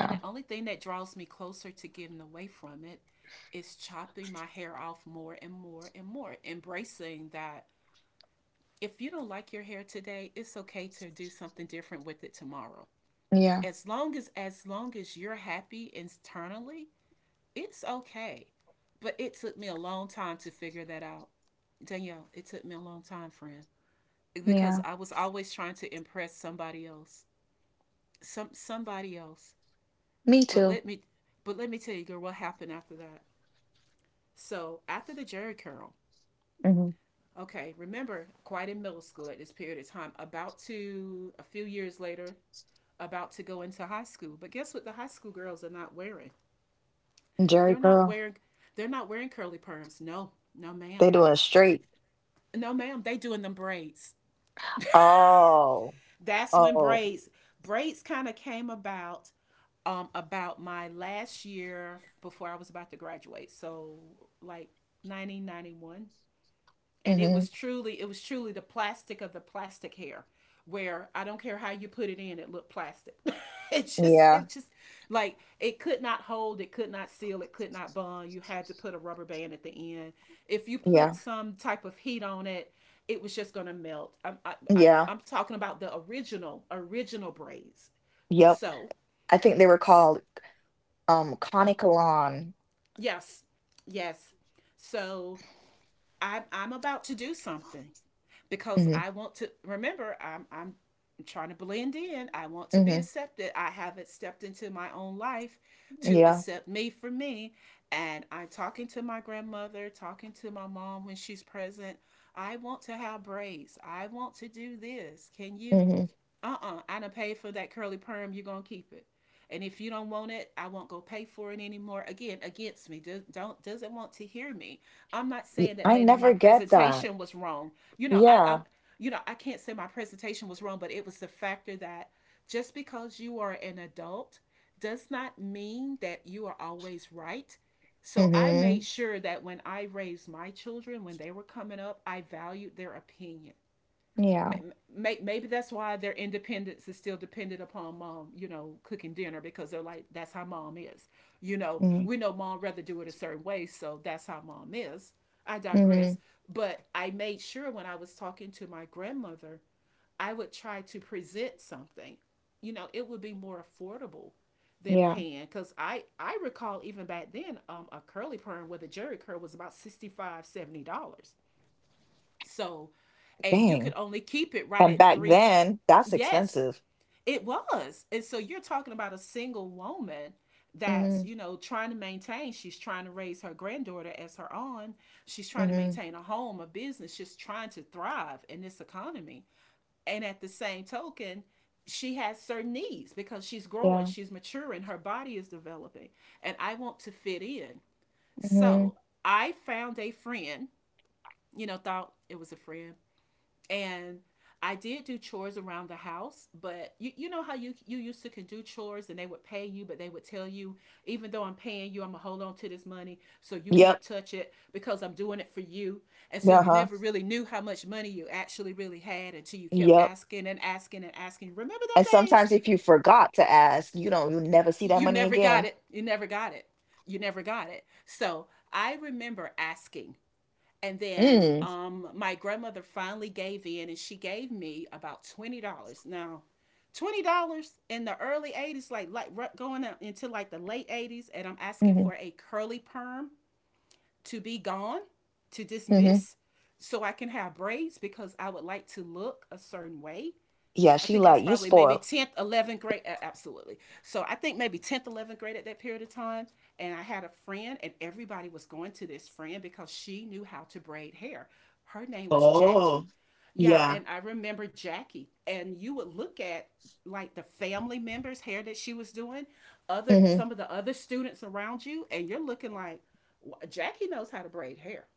Speaker 2: And the only thing that draws me closer to getting away from it is chopping my hair off more and more and more, embracing that if you don't like your hair today, it's okay to do something different with it tomorrow.
Speaker 1: Yeah.
Speaker 2: As long as as long as you're happy internally, it's okay. But it took me a long time to figure that out. Danielle, it took me a long time, friend, because
Speaker 1: Yeah.
Speaker 2: I was always trying to impress somebody else. Some somebody else.
Speaker 1: Me
Speaker 2: But
Speaker 1: too.
Speaker 2: let me but let me tell you, girl, what happened after that? So after the Jerry curl,
Speaker 1: Hmm.
Speaker 2: okay, remember, quite in middle school at this period of time, about to a few years later, about to go into high school. But guess what the high school girls are not wearing?
Speaker 1: Jerry
Speaker 2: They're not
Speaker 1: curl.
Speaker 2: wearing they're not wearing curly perms. No, no
Speaker 1: They
Speaker 2: ma'am.
Speaker 1: doing straight.
Speaker 2: No ma'am, they doing them braids.
Speaker 1: Oh,
Speaker 2: That's when
Speaker 1: oh,
Speaker 2: braids braids kind of came about um about my last year before I was about to graduate. So like nineteen ninety-one, and it
Speaker 1: hmm.
Speaker 2: was truly it was truly the plastic of the plastic hair where I don't care how you put it in, it looked plastic. it just,
Speaker 1: Yeah,
Speaker 2: it just, like it could not hold, it could not seal, it could not bond. You had to put a rubber band at the end. If you put
Speaker 1: yeah,
Speaker 2: some type of heat on it, it was just gonna melt. I'm, I, I,
Speaker 1: yeah,
Speaker 2: I'm talking about the original, original braids.
Speaker 1: yep.
Speaker 2: So,
Speaker 1: I think they were called um
Speaker 2: oh,
Speaker 1: Conicolon.
Speaker 2: yes, yes. So I'm, I'm about to do something. Because
Speaker 1: Hmm.
Speaker 2: I want to remember I'm I'm trying to blend in. I want to be
Speaker 1: Hmm.
Speaker 2: accepted. I haven't stepped into my own life to
Speaker 1: Yeah.
Speaker 2: accept me for me. And I'm talking to my grandmother, talking to my mom when she's present. I want to have braids. I want to do this. Can you
Speaker 1: Hmm.
Speaker 2: uh-uh I done paid for that curly perm you are gonna keep it and if you don't want it I won't go pay for it anymore again against me Do, don't doesn't want to hear me I'm not saying that
Speaker 1: I
Speaker 2: maybe my
Speaker 1: never get that.
Speaker 2: presentation was wrong you know i I'm
Speaker 1: Yeah.
Speaker 2: you know I can't say my presentation was wrong but it was the factor that just because you are an adult does not mean that you are always right so I made
Speaker 1: Hmm.
Speaker 2: sure that when I raised my children, when they were coming up, I valued their opinion
Speaker 1: Yeah.
Speaker 2: maybe that's why their independence is still dependent upon mom you know cooking dinner because they're like that's how mom is you know
Speaker 1: Hmm.
Speaker 2: we know mom rather do it a certain way so that's how mom is I digress
Speaker 1: Hmm.
Speaker 2: but I made sure when I was talking to my grandmother I would try to present something you know it would be more affordable than
Speaker 1: Yeah.
Speaker 2: paying because i I recall even back then um, a curly perm with a jerry curl was about 65 dollars, 70 dollars so and you could
Speaker 1: Dang.
Speaker 2: only keep it right
Speaker 1: And
Speaker 2: at
Speaker 1: back
Speaker 2: three
Speaker 1: then, that's
Speaker 2: Yes,
Speaker 1: expensive.
Speaker 2: it was. And so you're talking about a single woman that's,
Speaker 1: Hmm.
Speaker 2: you know, trying to maintain. She's trying to raise her granddaughter as her own. She's trying to
Speaker 1: Hmm.
Speaker 2: maintain a home, a business, just trying to thrive in this economy. And at the same token, she has certain needs because she's growing,
Speaker 1: Yeah.
Speaker 2: she's maturing, her body is developing. And I want to fit in.
Speaker 1: Hmm.
Speaker 2: So I found a friend, you know, thought it was a friend, and I did do chores around the house, but you, you know how you you used to can do chores and they would pay you, but they would tell you, even though I'm paying you, I'm gonna hold on to this money so you
Speaker 1: Yep.
Speaker 2: can't touch it because I'm doing it for you. And so you
Speaker 1: Uh-huh.
Speaker 2: never really knew how much money you actually really had until you kept
Speaker 1: Yep.
Speaker 2: asking and asking and asking. Remember
Speaker 1: And
Speaker 2: them days?
Speaker 1: sometimes if you forgot to ask, you don't, you'll never see that
Speaker 2: You
Speaker 1: money
Speaker 2: never got
Speaker 1: again.
Speaker 2: it. You never got it. You never got it. So I remember asking and then
Speaker 1: Mm.
Speaker 2: um, my grandmother finally gave in and she gave me about twenty dollars. Now, twenty dollars in the early eighties, like, like going into like the late eighties, and I'm asking
Speaker 1: Mhm,
Speaker 2: for a curly perm to be gone, to
Speaker 1: mhm.
Speaker 2: dismiss, so I can have braids because I would like to look a certain way.
Speaker 1: Yeah,
Speaker 2: I
Speaker 1: she
Speaker 2: think I was
Speaker 1: like, "You
Speaker 2: probably maybe
Speaker 1: spoiled."
Speaker 2: tenth, eleventh grade. uh, Absolutely. So I think maybe tenth, eleventh grade at that period of time. And I had a friend, and everybody was going to this friend because she knew how to braid hair. Her name was
Speaker 1: Oh,
Speaker 2: Jackie. Yeah.
Speaker 1: yeah.
Speaker 2: And I remember Jackie. And you would look at like the family members' hair that she was doing, other
Speaker 1: Mhm.
Speaker 2: some of the other students around you, and you're looking like, Jackie knows how to braid hair.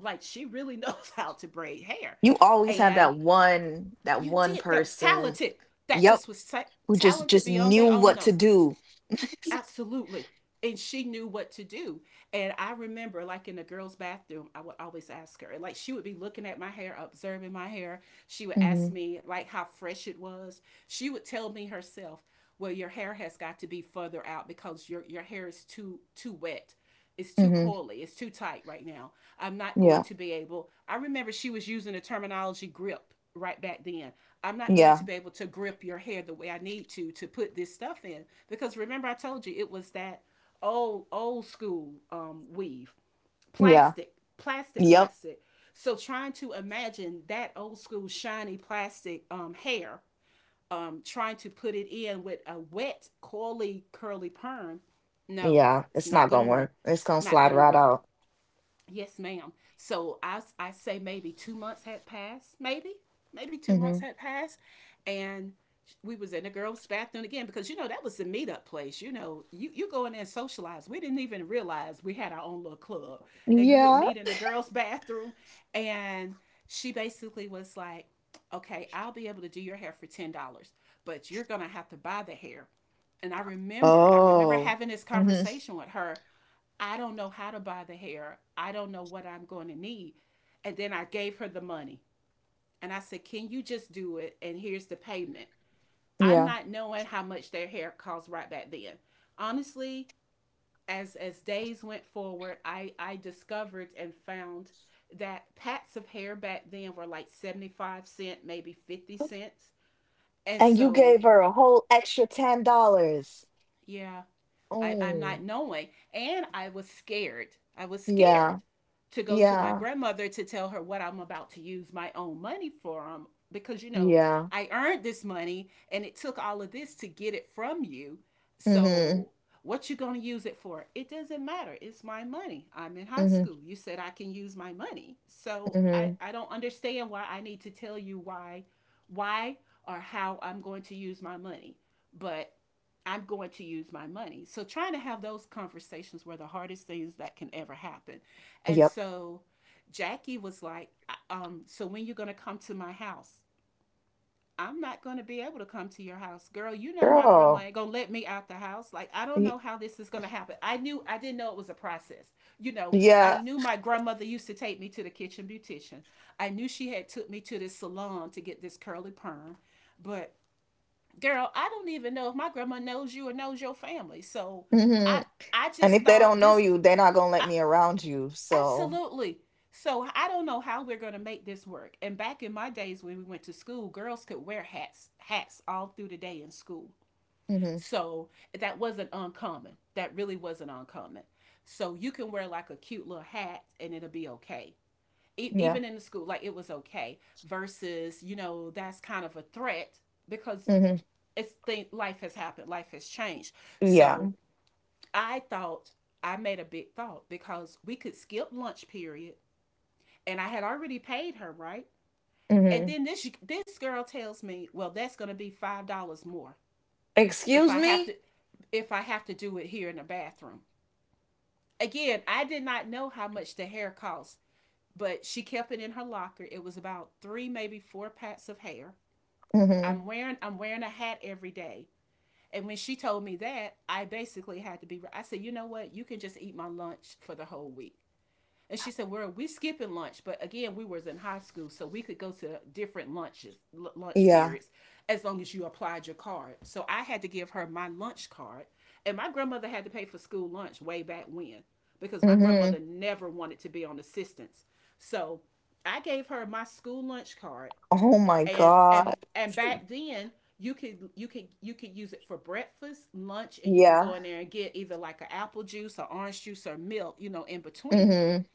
Speaker 2: Like she really knows how to braid hair.
Speaker 1: You always have
Speaker 2: And
Speaker 1: that one that
Speaker 2: you
Speaker 1: one
Speaker 2: did that was
Speaker 1: person,
Speaker 2: talented that
Speaker 1: yep,
Speaker 2: just was ta-
Speaker 1: who just
Speaker 2: talented
Speaker 1: just
Speaker 2: beyond
Speaker 1: knew
Speaker 2: their own
Speaker 1: what to
Speaker 2: notes
Speaker 1: do.
Speaker 2: absolutely and she knew what to do and I remember like in the girls bathroom I would always ask her like she would be looking at my hair observing my hair she would ask
Speaker 1: Mhm,
Speaker 2: me like how fresh it was she would tell me herself well your hair has got to be further out because your your hair is too too wet it's too
Speaker 1: mhm.
Speaker 2: coily. It's too tight right now. I'm not going
Speaker 1: Yeah,
Speaker 2: to be able. I remember she was using the terminology grip right back then. I'm not going
Speaker 1: yeah,
Speaker 2: to be able to grip your hair the way I need to to put this stuff in because remember I told you it was that old old school um, weave,
Speaker 1: yeah,
Speaker 2: plastic, plastic,
Speaker 1: yep,
Speaker 2: plastic. So trying to imagine that old school shiny plastic um, hair um, trying to put it in with a wet, coily, curly perm, no,
Speaker 1: yeah,
Speaker 2: it's
Speaker 1: it's not
Speaker 2: not gonna
Speaker 1: gonna
Speaker 2: work.
Speaker 1: work. It's gonna
Speaker 2: Not
Speaker 1: slide
Speaker 2: gonna
Speaker 1: right
Speaker 2: work.
Speaker 1: out.
Speaker 2: Yes, ma'am. So I I say maybe two months had passed, maybe, maybe two months
Speaker 1: Mhm.
Speaker 2: had passed, and we was in the girls' bathroom again because you know that was the meetup place. You know, you you go in there and socialize. We didn't even realize we had our own little club, and you would
Speaker 1: Yeah.
Speaker 2: meet in the girls' bathroom, and she basically was like, "Okay, I'll be able to do your hair for ten dollars, but you're gonna have to buy the hair." And I remember, I remember
Speaker 1: Oh.
Speaker 2: having this
Speaker 1: Mhm.
Speaker 2: conversation with her I don't know how to buy the hair. I don't know what I'm going to need. And then I gave her the money and I said, can you just do it? And here's the payment. I'm
Speaker 1: Yeah.
Speaker 2: not knowing how much their hair cost right back then. Honestly, as as days went forward, I I discovered and found that pats of hair back then were like seventy-five cent, maybe fifty cents. And
Speaker 1: And you
Speaker 2: so,
Speaker 1: gave her a whole extra ten dollars.
Speaker 2: yeah, I, I'm
Speaker 1: Oh,
Speaker 2: not knowing. And I was scared. I was scared
Speaker 1: yeah,
Speaker 2: to go to my
Speaker 1: yeah,
Speaker 2: grandmother to tell her what I'm about to use my own money for, um, because, you know,
Speaker 1: yeah.
Speaker 2: I earned this money and it took all of this to get it from you.
Speaker 1: Mhm.
Speaker 2: So what you going to use it for? It doesn't matter. It's my money. I'm in high
Speaker 1: Mhm.
Speaker 2: school. You said I can use my money. So I,
Speaker 1: Mhm.
Speaker 2: I don't understand why I need to tell you why, why or how I'm going to use my money. But I'm going to use my money. So trying to have those conversations were the hardest things that can ever happen. And
Speaker 1: Yep,
Speaker 2: so Jackie was like, um, so when you gonna come to my house? I'm not gonna be able to come to your house. Girl, you know my grandma
Speaker 1: girl.
Speaker 2: ain't gonna let me out the house. Like I don't know
Speaker 1: Y-
Speaker 2: how this is gonna happen. I knew I didn't know it was a process. You know, I
Speaker 1: Yeah,
Speaker 2: knew my grandmother used to take me to the kitchen beautician. I knew she had took me to this salon to get this curly perm, but girl, I don't even know if my grandma knows you or knows your family. So I
Speaker 1: mhm,
Speaker 2: I
Speaker 1: and
Speaker 2: just
Speaker 1: if they
Speaker 2: thought
Speaker 1: don't know
Speaker 2: this
Speaker 1: you, they're not gonna let
Speaker 2: I,
Speaker 1: me around you. So
Speaker 2: absolutely. So I don't know how we're going to make this work. And back in my days when we went to school, girls could wear hats hats all through the day in school.
Speaker 1: mhm,
Speaker 2: So that wasn't uncommon. That really wasn't uncommon. So you can wear like a cute little hat and it'll be okay. E-
Speaker 1: yeah,
Speaker 2: even in the school, like it was okay versus, you know, that's kind of a threat because
Speaker 1: mhm,
Speaker 2: it's think life has happened, life has changed.
Speaker 1: yeah.
Speaker 2: So I thought I made a big thought because we could skip lunch period, and I had already paid her, right. And
Speaker 1: Mhm.
Speaker 2: then this this girl tells me, well, that's gonna be five dollars more if
Speaker 1: Excuse
Speaker 2: I have
Speaker 1: me?
Speaker 2: to if I have to do it here in the bathroom. Again, I did not know how much the hair cost, but she kept it in her locker. It was about three, maybe four packs of hair.
Speaker 1: Mhm.
Speaker 2: I'm wearing I'm wearing a hat every day. And when she told me that, I basically had to be, I said, you know what? You can just eat my lunch for the whole week. And she said, well, we skipping lunch. But again, we was in high school, so we could go to different lunches, l- lunch
Speaker 1: Yeah.
Speaker 2: periods, as long as you applied your card. So I had to give her my lunch card. And my grandmother had to pay for school lunch way back when because my
Speaker 1: Mhm.
Speaker 2: grandmother never wanted to be on assistance. So I gave her my school lunch card,
Speaker 1: Oh my
Speaker 2: and and
Speaker 1: God.
Speaker 2: and back then you could you could you could use it for breakfast, lunch, and you can
Speaker 1: Yeah.
Speaker 2: go in there and get either like an apple juice or orange juice or milk, you know, in between.
Speaker 1: Mhm.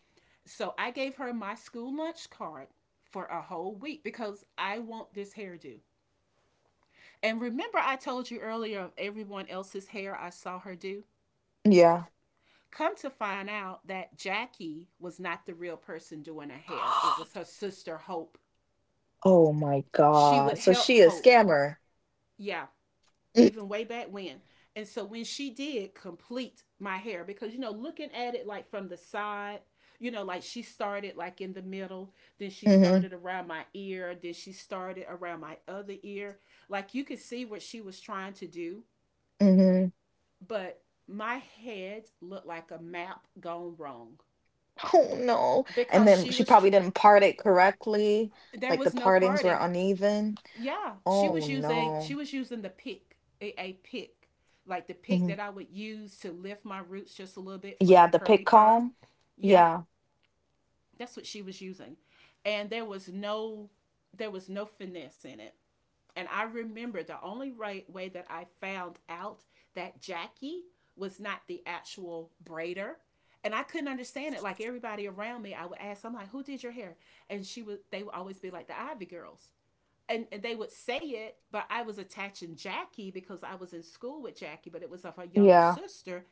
Speaker 2: So I gave her my school lunch card for a whole week because I want this hairdo. And remember, I told you earlier of everyone else's hair I saw her do,
Speaker 1: Yeah.
Speaker 2: come to find out that Jackie was not the real person doing her hair. It was her sister Hope.
Speaker 1: Oh my
Speaker 2: She would
Speaker 1: God. So
Speaker 2: help
Speaker 1: she a
Speaker 2: Hope,
Speaker 1: scammer.
Speaker 2: yeah,
Speaker 1: Mm,
Speaker 2: even way back when. And so when she did complete my hair, because you know, looking at it like from the side, you know, like she started like in the middle, then she
Speaker 1: mhm,
Speaker 2: started around my ear, then she started around my other ear. Like you could see what she was trying to do,
Speaker 1: mhm.
Speaker 2: but my head looked like a map gone wrong
Speaker 1: Oh no. And
Speaker 2: because
Speaker 1: then
Speaker 2: she
Speaker 1: she
Speaker 2: was, tr-
Speaker 1: probably didn't part it correctly.
Speaker 2: there
Speaker 1: Like the
Speaker 2: was no
Speaker 1: partings were
Speaker 2: parting.
Speaker 1: uneven.
Speaker 2: Yeah, she
Speaker 1: Oh
Speaker 2: was using she
Speaker 1: no.
Speaker 2: was using the pick, a, a pick, like the pick
Speaker 1: Mhm.
Speaker 2: that I would use to lift my roots just a little bit for the
Speaker 1: Yeah, the
Speaker 2: curly
Speaker 1: pick
Speaker 2: perm.
Speaker 1: comb.
Speaker 2: Yeah,
Speaker 1: Yeah,
Speaker 2: that's what she was using, and there was no there was no finesse in it. And I remember the only right way that I found out that Jackie was not the actual braider. And I couldn't understand it. Like everybody around me, I would ask, I'm like, who did your hair? And she would they would always be like the Ivy girls, and, and they would say it, but I was attaching Jackie because I was in school with Jackie, but it was of her younger
Speaker 1: yeah,
Speaker 2: sister,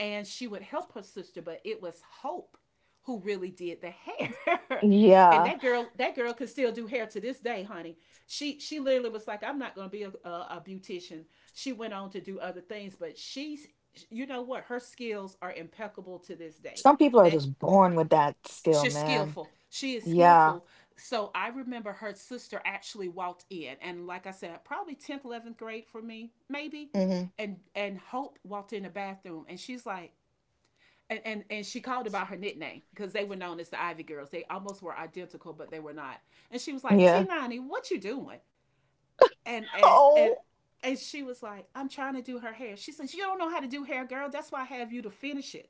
Speaker 2: and she would help her sister, but it was Hope who really did the hair. And
Speaker 1: yeah.
Speaker 2: that girl, that girl could still do hair to this day, honey. She she literally was like, I'm not gonna be a, a, a beautician. She went on to do other things, but she's you know what? Her skills are impeccable to this day.
Speaker 1: Some people are
Speaker 2: That
Speaker 1: just born with that skill,
Speaker 2: She's
Speaker 1: man.
Speaker 2: skillful. She is
Speaker 1: Yeah.
Speaker 2: skillful. So I remember her sister actually walked in, and like I said, probably tenth, eleventh grade for me, maybe.
Speaker 1: Hmm.
Speaker 2: And and Hope walked in the bathroom, and she's like, and and, and she called about her nickname because they were known as the Ivy Girls. They almost were identical, but they were not. And she was like, T
Speaker 1: Yeah.
Speaker 2: ninety, what you doing? And and and
Speaker 1: Oh.
Speaker 2: and she was like, I'm trying to do her hair. She says, you don't know how to do hair, girl. That's why I have you to finish it.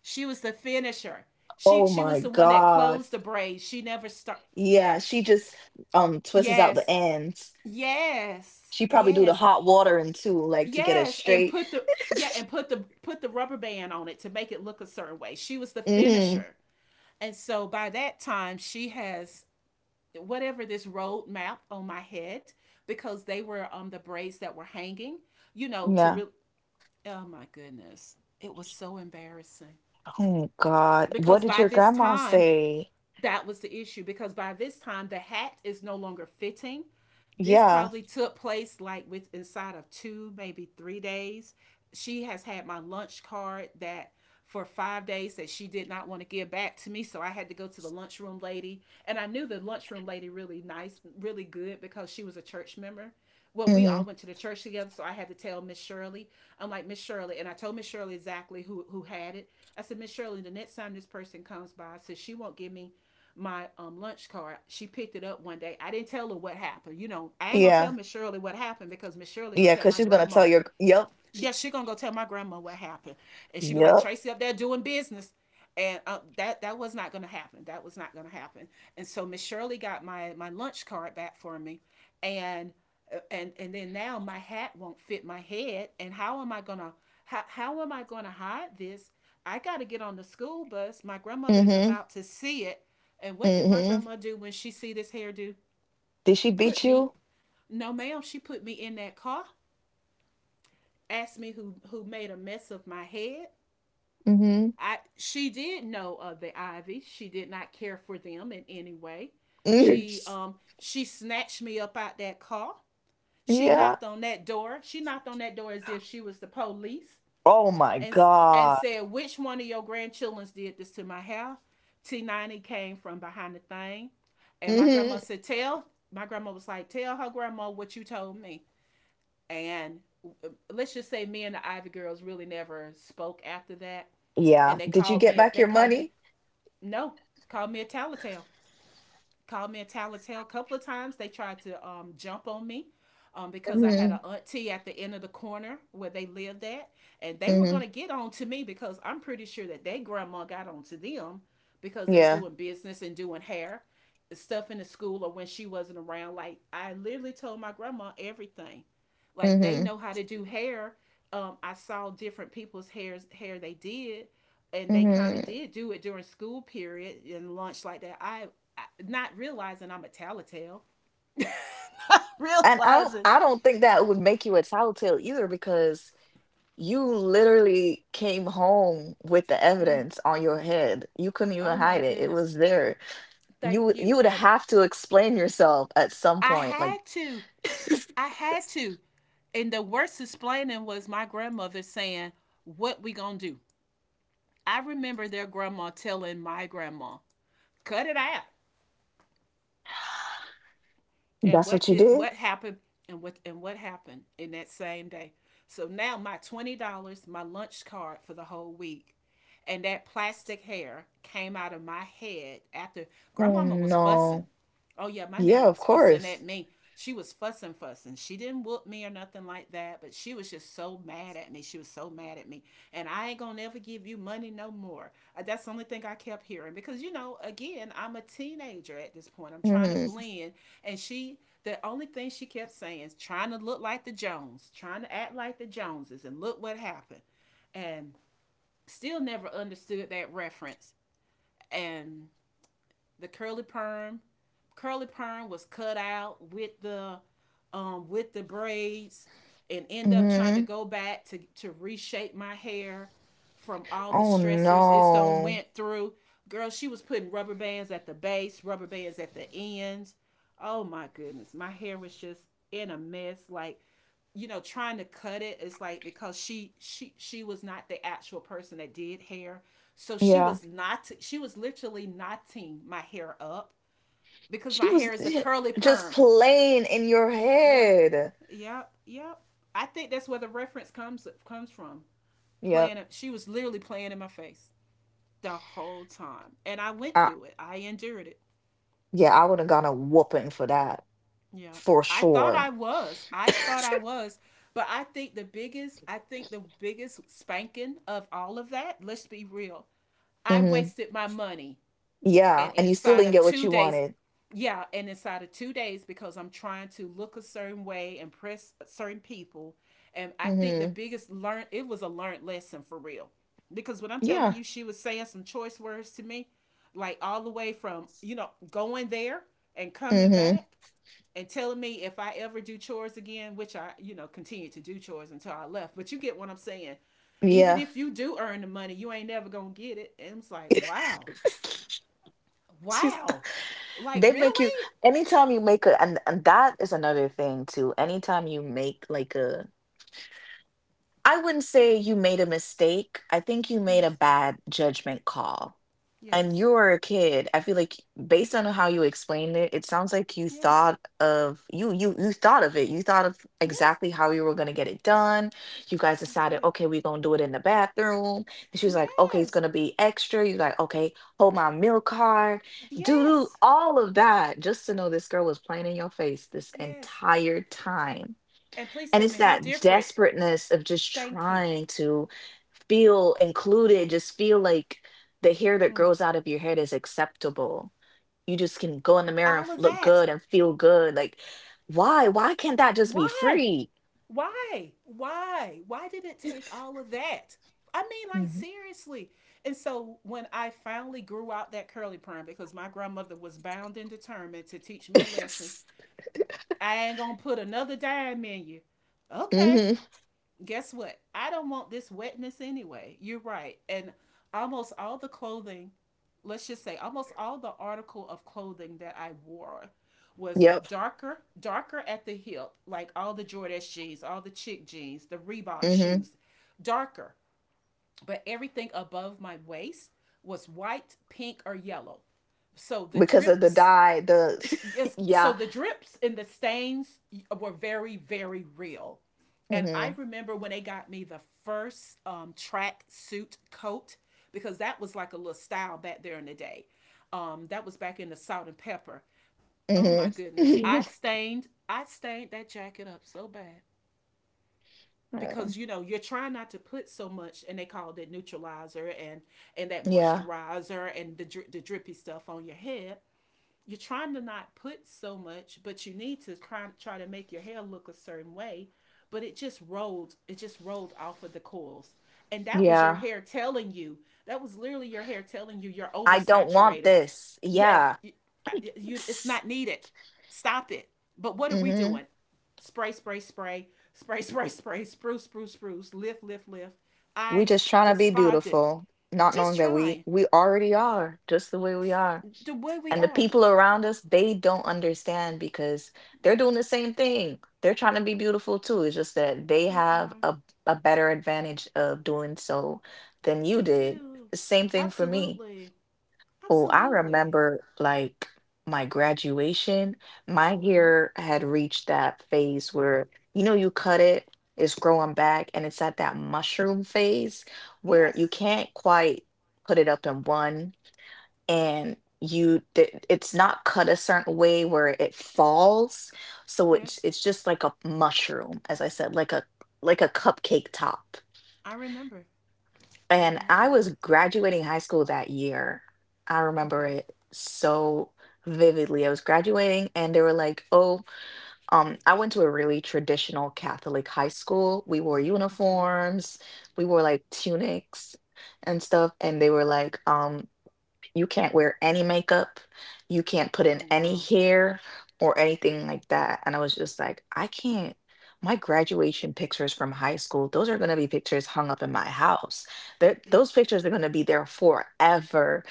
Speaker 2: She was the finisher. She
Speaker 1: Oh
Speaker 2: she
Speaker 1: my
Speaker 2: was the one that
Speaker 1: God.
Speaker 2: closed the braid. She never start.
Speaker 1: Yeah,
Speaker 2: Yes,
Speaker 1: she just um twists out the
Speaker 2: yes,
Speaker 1: ends.
Speaker 2: yes,
Speaker 1: She probably do the
Speaker 2: yes,
Speaker 1: hot water in too, like to get it
Speaker 2: yes, and
Speaker 1: straight.
Speaker 2: put the yeah and put the put the rubber band on it to make it look a certain way. She was the
Speaker 1: Hmm.
Speaker 2: finisher, and so by that time she has whatever this road map on my head because they were, um the braids that were hanging. You know to
Speaker 1: Yeah.
Speaker 2: real. Oh my goodness, it was so embarrassing
Speaker 1: Oh God. What
Speaker 2: because
Speaker 1: did
Speaker 2: by
Speaker 1: your
Speaker 2: this
Speaker 1: grandma
Speaker 2: time
Speaker 1: say?
Speaker 2: that was the issue because by this time the hat is no longer fitting. This
Speaker 1: Yeah.
Speaker 2: probably took place like with inside of two, maybe three days. She has had my lunch card that for five days that she did not want to give back to me. So I had to go to the lunchroom lady. And I knew the lunchroom lady really nice, really good because she was a church member. Well, we all
Speaker 1: Hmm.
Speaker 2: went to the church together, so I had to tell Miss Shirley. I'm like, Miss Shirley, and I told Miss Shirley exactly who, who had it. I said, Miss Shirley, the next time this person comes by, I said she won't give me my, um, lunch card. She picked it up one day. I didn't tell her what happened. You know, I ain't gonna tell
Speaker 1: Yeah.
Speaker 2: Miss Shirley what happened because Miss Shirley gonna
Speaker 1: Yeah,
Speaker 2: tell
Speaker 1: because
Speaker 2: my
Speaker 1: she's gonna
Speaker 2: grandma.
Speaker 1: tell your yep.
Speaker 2: Yeah, she gonna go tell my grandma what happened, and she be like,
Speaker 1: Yep.
Speaker 2: Tracy up there doing business, and uh that that was not gonna happen. That was not gonna happen. And so Miss Shirley got my my lunch card back for me, and uh, and and then now my hat won't fit my head, and how am I gonna how how am I gonna hide this? I gotta get on the school bus. My grandmother is
Speaker 1: Mm-hmm.
Speaker 2: about to see it, and what did my
Speaker 1: Mm-hmm.
Speaker 2: grandma do when she see this hairdo?
Speaker 1: Did she
Speaker 2: Put
Speaker 1: beat
Speaker 2: me,
Speaker 1: you?
Speaker 2: no ma'am, she put me in that car, asked me who who made a mess of my head.
Speaker 1: Mm-hmm.
Speaker 2: I she did know of the Ivy. She did not care for them in any way.
Speaker 1: Mm.
Speaker 2: She, um she snatched me up out that car. She
Speaker 1: Yeah.
Speaker 2: knocked on that door. She knocked on that door as if she was the police
Speaker 1: Oh my
Speaker 2: and and
Speaker 1: God.
Speaker 2: said, "Which one of your grandchildren did this to my house?" T ninety came from behind the thing, and my grandma
Speaker 1: Mm-hmm.
Speaker 2: said, "Tell." My grandma was like, "Tell her grandma what you told me." And uh, let's just say me and the Ivy girls really never spoke after that,
Speaker 1: Yeah.
Speaker 2: and they
Speaker 1: Did you
Speaker 2: called
Speaker 1: get
Speaker 2: me
Speaker 1: back
Speaker 2: they
Speaker 1: your
Speaker 2: called me
Speaker 1: money?
Speaker 2: no called me a tattletale, called me a tattletale a couple of times. They tried to, um, jump on me, um, because I had
Speaker 1: Mm-hmm.
Speaker 2: an auntie at the end of the corner where they lived at, and they were
Speaker 1: Mm-hmm.
Speaker 2: gonna get on to me because I'm pretty sure that their grandma got on to them because they're
Speaker 1: Yeah.
Speaker 2: doing business and doing hair stuff in the school or when she wasn't around. Like I literally told my grandma everything. Like they
Speaker 1: Mm-hmm.
Speaker 2: know how to do hair. Um, I saw different people's hairs hair they did, and they kind of
Speaker 1: Mm-hmm.
Speaker 2: did do it during school period and lunch like that. I Not realizing I'm a tattletale.
Speaker 1: And I don't I
Speaker 2: Realizing,
Speaker 1: don't think that would make you a tattletale either because you literally came home with the evidence on your head. You couldn't even
Speaker 2: oh my
Speaker 1: hide it. It
Speaker 2: goodness.
Speaker 1: was there. You
Speaker 2: Thank
Speaker 1: would you
Speaker 2: you.
Speaker 1: would
Speaker 2: And
Speaker 1: have to explain yourself at some
Speaker 2: I
Speaker 1: point. Like,
Speaker 2: had to. I had to. And the worst explaining was my grandmother saying, "What we gonna do?" I remember their grandma telling my grandma, "Cut it out." and
Speaker 1: that's what
Speaker 2: what
Speaker 1: you
Speaker 2: did
Speaker 1: did?
Speaker 2: what happened and what and what happened in that same day. So now my twenty dollars, my lunch card for the whole week, and that plastic hair came out of my head after
Speaker 1: Oh
Speaker 2: grandmama was fussing.
Speaker 1: no.
Speaker 2: Oh yeah, my
Speaker 1: Yeah,
Speaker 2: nana
Speaker 1: of
Speaker 2: was fussing at
Speaker 1: course.
Speaker 2: me. She was fussing, fussing. She didn't whoop me or nothing like that, but she was just so mad at me. She was so mad at me, and I ain't gonna never give you money no more. Uh, That's the only thing I kept hearing because you know, again, I'm a teenager at this point. I'm trying to
Speaker 1: Hmm,
Speaker 2: blend, and she, the only thing she kept saying is trying to look like the Jones, trying to act like the Joneses, and look what happened, and still never understood that reference, and the curly perm. Curly perm was cut out with the um with the braids And end up trying to
Speaker 1: hmm.
Speaker 2: go back to to reshape my hair from all the
Speaker 1: Oh
Speaker 2: stressors it's done
Speaker 1: no.
Speaker 2: went through. Girl, she was putting rubber bands at the base, rubber bands at the ends. Oh my goodness, my hair was just in a mess. Like, you know trying to cut it is like because she she she was not the actual person that did hair, so she
Speaker 1: Yeah.
Speaker 2: was not she was literally knotting my hair up because
Speaker 1: She
Speaker 2: my hair
Speaker 1: was
Speaker 2: is a curly
Speaker 1: just
Speaker 2: perm.
Speaker 1: playing in your
Speaker 2: Yeah,
Speaker 1: head.
Speaker 2: yep, yep, I think that's where the reference comes comes from.
Speaker 1: Yep.
Speaker 2: Playing She was literally playing in my face the whole time, and I went
Speaker 1: Uh,
Speaker 2: through it, I endured it.
Speaker 1: yeah, I would have gotten a whooping for that,
Speaker 2: Yeah.
Speaker 1: for
Speaker 2: I thought I
Speaker 1: sure.
Speaker 2: was. I thought I was. But I think the biggest, I think the biggest spanking of all of that, let's be real. I
Speaker 1: Mhm.
Speaker 2: wasted my money and
Speaker 1: Yeah, and you still
Speaker 2: inside
Speaker 1: didn't
Speaker 2: of
Speaker 1: get what
Speaker 2: two
Speaker 1: you
Speaker 2: days,
Speaker 1: wanted.
Speaker 2: yeah, and inside of two days because I'm trying to look a certain way, impress certain people. And I think the
Speaker 1: Mhm.
Speaker 2: biggest learn, it was a learned lesson for real. Because when I'm telling
Speaker 1: Yeah.
Speaker 2: you, she was saying some choice words to me, like all the way from, you know, going there and coming
Speaker 1: Mhm.
Speaker 2: back and telling me if I ever do chores again, which I, you know, continue to do chores until I left. But you get what I'm saying. Even
Speaker 1: Yeah.
Speaker 2: if you do earn the money, you ain't never gonna get it. And it's like, wow,
Speaker 1: She's
Speaker 2: wow, like
Speaker 1: they make you
Speaker 2: really?
Speaker 1: anytime you make a and and that is another thing too. Anytime you make like a, I wouldn't
Speaker 2: Yeah.
Speaker 1: say you made a mistake. I think you made a
Speaker 2: Yes.
Speaker 1: bad judgment call. And
Speaker 2: Yes.
Speaker 1: you were a kid. I feel like based on how you explained it, it sounds like you
Speaker 2: Yes.
Speaker 1: thought of you you you thought of it. You thought of
Speaker 2: Yes.
Speaker 1: exactly how you were gonna get it done. You guys
Speaker 2: I
Speaker 1: decided,
Speaker 2: did.
Speaker 1: okay, we're gonna do it in the bathroom. And she was like, okay, it's
Speaker 2: Yes.
Speaker 1: gonna be extra. You're like, okay, hold my meal card, do do
Speaker 2: Yes.
Speaker 1: all of that, just to know this girl was playing in your face this
Speaker 2: Yes.
Speaker 1: entire time
Speaker 2: And please
Speaker 1: and
Speaker 2: tell
Speaker 1: it's
Speaker 2: me how
Speaker 1: that
Speaker 2: different.
Speaker 1: desperateness of just
Speaker 2: Thank you.
Speaker 1: trying to feel included, just feel like the hair that grows out of your head is acceptable. You just can go in the mirror and
Speaker 2: All
Speaker 1: f-
Speaker 2: of
Speaker 1: look
Speaker 2: that.
Speaker 1: good and feel good. Like, why? Why can't that just be
Speaker 2: Why?
Speaker 1: free?
Speaker 2: Why? Why? Why did it take all of that? I mean, like,
Speaker 1: Hmm.
Speaker 2: seriously. And so when I finally grew out that curly perm because my grandmother was bound and determined to teach me a lesson, I ain't gonna put another dime in you. Okay,
Speaker 1: Hmm.
Speaker 2: guess what? I don't want this wetness anyway. You're right. And almost all the clothing, let's just say almost all the article of clothing that I wore was
Speaker 1: Yep.
Speaker 2: darker, darker at the hip, like all the Jordache jeans, all the chick jeans, the Reebok
Speaker 1: Hmm.
Speaker 2: shoes, darker. But everything above my waist was white, pink, or yellow. So the
Speaker 1: Because of the
Speaker 2: drips—
Speaker 1: dye, the
Speaker 2: yes, so
Speaker 1: yeah.
Speaker 2: the drips and the stains were very, very real. And I
Speaker 1: Hmm,
Speaker 2: remember when they got me the first um, track suit coat because that was like a little style back there in the day. Um, that was back in the salt and pepper. Oh my
Speaker 1: hmm.
Speaker 2: goodness, I stained, I stained that jacket up so bad because you know you're trying not to put so much, and they called it neutralizer and and that
Speaker 1: Yeah.
Speaker 2: moisturizer and the the drippy stuff on your head. You're trying to not put so much, but you need to try, try to make your hair look a certain way. But it just rolled, it just rolled off of the coils. And that was your
Speaker 1: Yeah.
Speaker 2: hair telling you, that was literally your hair telling you you're
Speaker 1: I don't want
Speaker 2: oversaturated.
Speaker 1: this.
Speaker 2: Yes,
Speaker 1: Yeah.
Speaker 2: you, you it's not needed. Stop it. But what are we
Speaker 1: Hmm.
Speaker 2: doing? Spray, spray, spray, spray, spray, spray, spruce, spruce, spruce, lift, lift, lift.
Speaker 1: We
Speaker 2: I
Speaker 1: just trying to be
Speaker 2: desponded.
Speaker 1: beautiful, not
Speaker 2: Just
Speaker 1: knowing that we
Speaker 2: trying
Speaker 1: we already are just the way we are.
Speaker 2: the way we
Speaker 1: And the
Speaker 2: are.
Speaker 1: people around us, they don't understand because they're doing the same thing. They're trying to be beautiful too. It's just that they
Speaker 2: They
Speaker 1: have
Speaker 2: are
Speaker 1: a, a better advantage of doing so than you
Speaker 2: They
Speaker 1: did.
Speaker 2: do.
Speaker 1: Same thing for me.
Speaker 2: Absolutely.
Speaker 1: Oh, I
Speaker 2: Absolutely.
Speaker 1: remember like my graduation, my
Speaker 2: Uh huh.
Speaker 1: hair had reached that phase where, you know, you cut it, it's growing back, and it's at that mushroom phase where you
Speaker 2: Yes.
Speaker 1: can't quite put it up in one and you th- it's not cut a certain way where it falls. So it's
Speaker 2: Yes.
Speaker 1: it's just like a mushroom, as I said, like a like a cupcake top.
Speaker 2: I remember. I
Speaker 1: And
Speaker 2: remember
Speaker 1: I
Speaker 2: that.
Speaker 1: was graduating high school that year. I remember
Speaker 2: Okay.
Speaker 1: it so vividly. I was graduating and they were like, "Oh, um I went to a really traditional Catholic high school. We wore
Speaker 2: Okay.
Speaker 1: uniforms, we wore like tunics and stuff." And they were like, um you can't wear any makeup. You can't put in
Speaker 2: Oh,
Speaker 1: any
Speaker 2: wow.
Speaker 1: hair or anything like that. And I was just like, I can't. My graduation pictures from high school, those are going to be pictures hung up in my house. They're, those
Speaker 2: Yes.
Speaker 1: pictures are going to be there forever.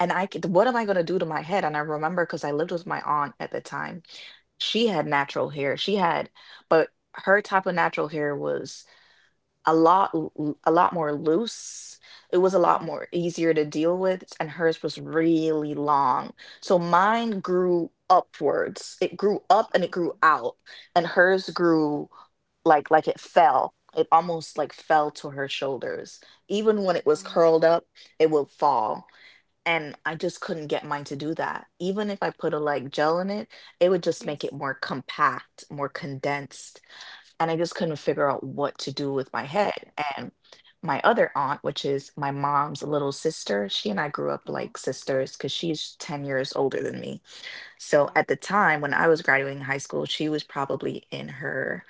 Speaker 1: And I, c- what am I going to do to my head? And I remember because I lived with my aunt at the time she
Speaker 2: Mm-hmm.
Speaker 1: had natural hair. She had, but her type of natural hair was a lot l- l- a lot more loose. It was a
Speaker 2: Uh
Speaker 1: lot
Speaker 2: huh.
Speaker 1: more easier to deal with, and hers was really long. So mine grew upwards. It grew up and it grew
Speaker 2: Okay.
Speaker 1: out, and hers grew like like it fell. It almost like fell to her shoulders. Even when it was
Speaker 2: What?
Speaker 1: curled up, it would fall. And I just couldn't get mine to do that. Even if I put a like gel in it, it would just make it
Speaker 2: Yes.
Speaker 1: more compact, more condensed and I just couldn't figure out what to do with my head. And my other aunt, which is my mom's little sister, she and I grew up
Speaker 2: Uh huh.
Speaker 1: like sisters because she's ten years older than me. So
Speaker 2: Okay.
Speaker 1: at the time when I was graduating high school, she was probably in her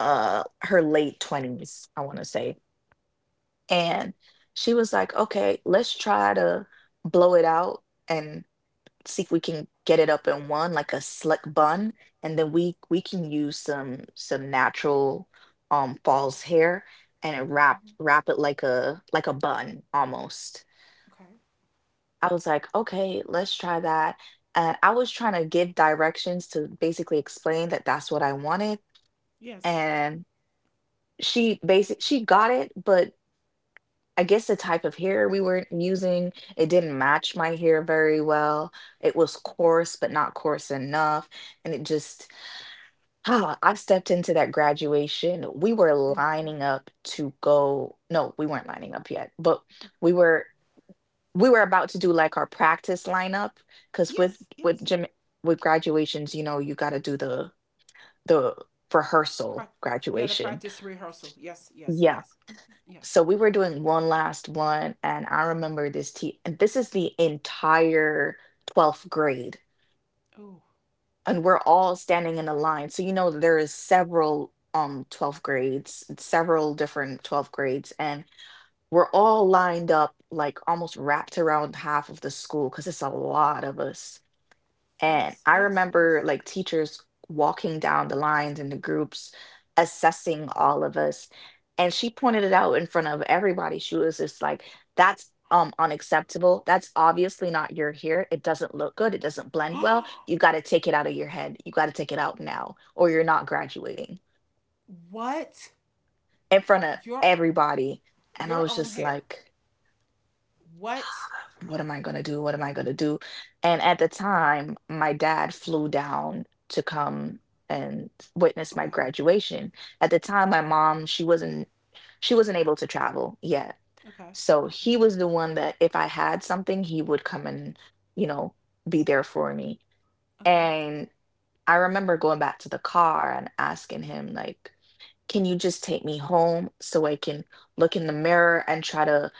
Speaker 1: uh her late twenties, I want to say. And she was like, "Okay, let's try to blow it out," and see if we can get it up in one like a slick bun and then we we can use some some natural um false hair and it wrap wrap it like a like a bun almost.
Speaker 2: Okay.
Speaker 1: I was like, okay, let's try that. And I was trying to give directions to basically explain that that's what I wanted.
Speaker 2: Yes.
Speaker 1: And she basic she got it, but I guess the type of hair we were using, it didn't match my hair very well. It was coarse, but not coarse enough. And it just, I stepped into that graduation. We were lining up to go. No, we weren't lining up yet, but we were we were about to do like our practice lineup because with
Speaker 2: Yes.
Speaker 1: with
Speaker 2: Yes.
Speaker 1: gym with graduations, you know, you got to do the the rehearsal
Speaker 2: Prac Yeah, the
Speaker 1: graduation.
Speaker 2: practice rehearsal. Yes. Yes.
Speaker 1: Yeah,
Speaker 2: Yes. Yeah.
Speaker 1: so we were doing one last one and I remember this tea and this is the entire twelfth grade
Speaker 2: Oh.
Speaker 1: and we're all standing in a line, so you know there is several um twelfth grades, several different twelfth grades, and we're all lined up like almost wrapped around half of the school because it's a lot of us. And
Speaker 2: Yes.
Speaker 1: I
Speaker 2: Yes.
Speaker 1: remember
Speaker 2: Yes.
Speaker 1: like teachers walking down the lines in the groups, assessing all of us. And she pointed it out in front of everybody. She was just like, that's um unacceptable. That's obviously not your hair. It doesn't look good. It doesn't blend well. You got to take it out of your head. You got to take it out now, or you're not graduating
Speaker 2: What?
Speaker 1: in front of
Speaker 2: Your
Speaker 1: everybody. And I
Speaker 2: your
Speaker 1: was
Speaker 2: own
Speaker 1: just
Speaker 2: hair.
Speaker 1: like,
Speaker 2: What?
Speaker 1: what am I going to do? What am I going to do? And at the time, my dad flew down to come and witness my
Speaker 2: Okay.
Speaker 1: graduation. At the time, my mom, she wasn't she wasn't able to travel yet.
Speaker 2: Okay.
Speaker 1: So
Speaker 2: Okay.
Speaker 1: he was the one that if I had something, he would come and, you know, be there for me.
Speaker 2: Okay.
Speaker 1: And I remember going back to the car and asking him like, can you just take me home so I can look in the mirror and try to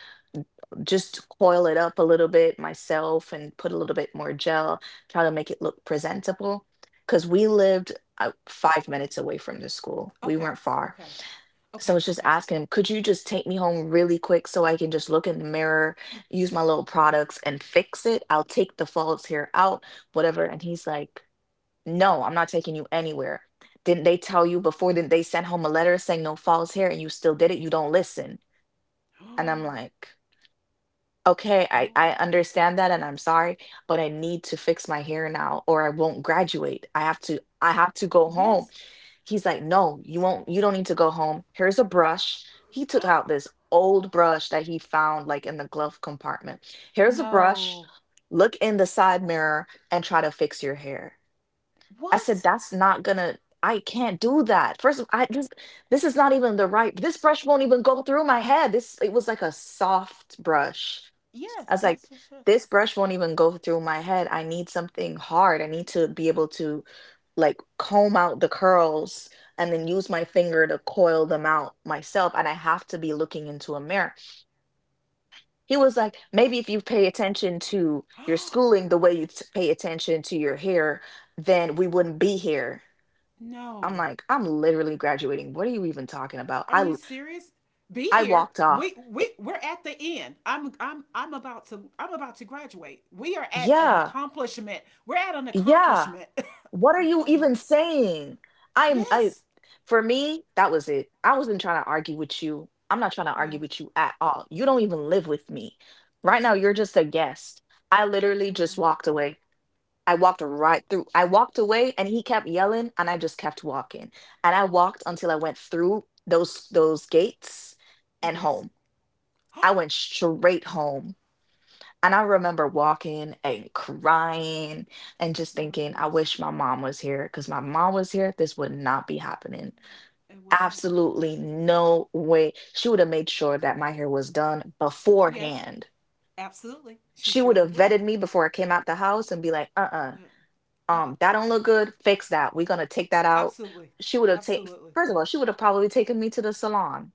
Speaker 1: just coil it up a little bit myself and put a little bit more gel, try to make it look presentable. Because we lived uh, five minutes away from the school, we
Speaker 2: Okay.
Speaker 1: weren't far.
Speaker 2: Okay.
Speaker 1: So I
Speaker 2: Okay.
Speaker 1: was just
Speaker 2: Okay.
Speaker 1: asking him, could you just take me home really quick so I can just look in the mirror, use my little products and fix it? I'll take the false hair out, whatever. And he's like, no, I'm not taking you anywhere. Didn't they tell you before? Didn't they send home a letter saying no false hair and you still did it? You don't listen. And I'm like, okay, I,
Speaker 2: Oh.
Speaker 1: I understand that and I'm sorry, but I need to fix my hair now or I won't graduate. I have to I have to go home.
Speaker 2: Yes.
Speaker 1: He's like, no, you won't you don't need to go home. Here's a brush. He took out this old brush that he found like in the glove compartment. Here's a brush.
Speaker 2: No.
Speaker 1: Look in the side mirror and try to fix your hair. I said,
Speaker 2: What?
Speaker 1: that's not gonna, I can't do that. First of I just, this is not even the right, this brush won't even go through my head. This, it was like a soft brush. I
Speaker 2: Yes.
Speaker 1: was like,
Speaker 2: Yes. Yes. Yes.
Speaker 1: this brush won't even go through my head. I need something hard. I need to be able to like comb out the curls and then use my finger to coil them out myself. And I have to be looking into a mirror. He was like, maybe if you pay attention to your schooling the way you t- pay attention to your hair, then we wouldn't be here. I'm
Speaker 2: No.
Speaker 1: like, I'm literally graduating. What are you even talking about?
Speaker 2: Are
Speaker 1: I
Speaker 2: you
Speaker 1: l-
Speaker 2: serious? Be
Speaker 1: I
Speaker 2: here.
Speaker 1: walked off.
Speaker 2: We we
Speaker 1: I-
Speaker 2: we're at the end. I'm I'm I'm about to I'm about to graduate. We are at an
Speaker 1: Yeah.
Speaker 2: accomplishment. We're at an
Speaker 1: Yeah.
Speaker 2: accomplishment.
Speaker 1: What are you
Speaker 2: Oh my
Speaker 1: even
Speaker 2: god.
Speaker 1: saying? I'm I
Speaker 2: Yes.
Speaker 1: For me, that was it. I wasn't trying to argue with you. I'm not trying to
Speaker 2: Yeah.
Speaker 1: argue with you at all. You don't even live with me. Right now you're
Speaker 2: Absolutely.
Speaker 1: just a guest. I literally just
Speaker 2: Absolutely.
Speaker 1: walked away. I walked right through. I walked away and he kept yelling and I just kept walking. And I walked until I went through those those gates and
Speaker 2: Yes.
Speaker 1: home. I went straight home. And I remember walking and crying and just
Speaker 2: But of
Speaker 1: thinking, I
Speaker 2: course.
Speaker 1: wish my mom was here because my mom was here, this would not be happening.
Speaker 2: And whatnot.
Speaker 1: Absolutely no way. She would have made sure that my hair was done
Speaker 2: Yes,
Speaker 1: beforehand.
Speaker 2: absolutely. She
Speaker 1: She would
Speaker 2: surely
Speaker 1: have
Speaker 2: would have.
Speaker 1: vetted me before I came out the house and be like, uh-uh,
Speaker 2: Yeah. Uh uh.
Speaker 1: um, that don't look good. Fix that. We're gonna take that out.
Speaker 2: Absolutely.
Speaker 1: She would have taken,
Speaker 2: Absolutely.
Speaker 1: first of all, she would have probably taken me to the salon.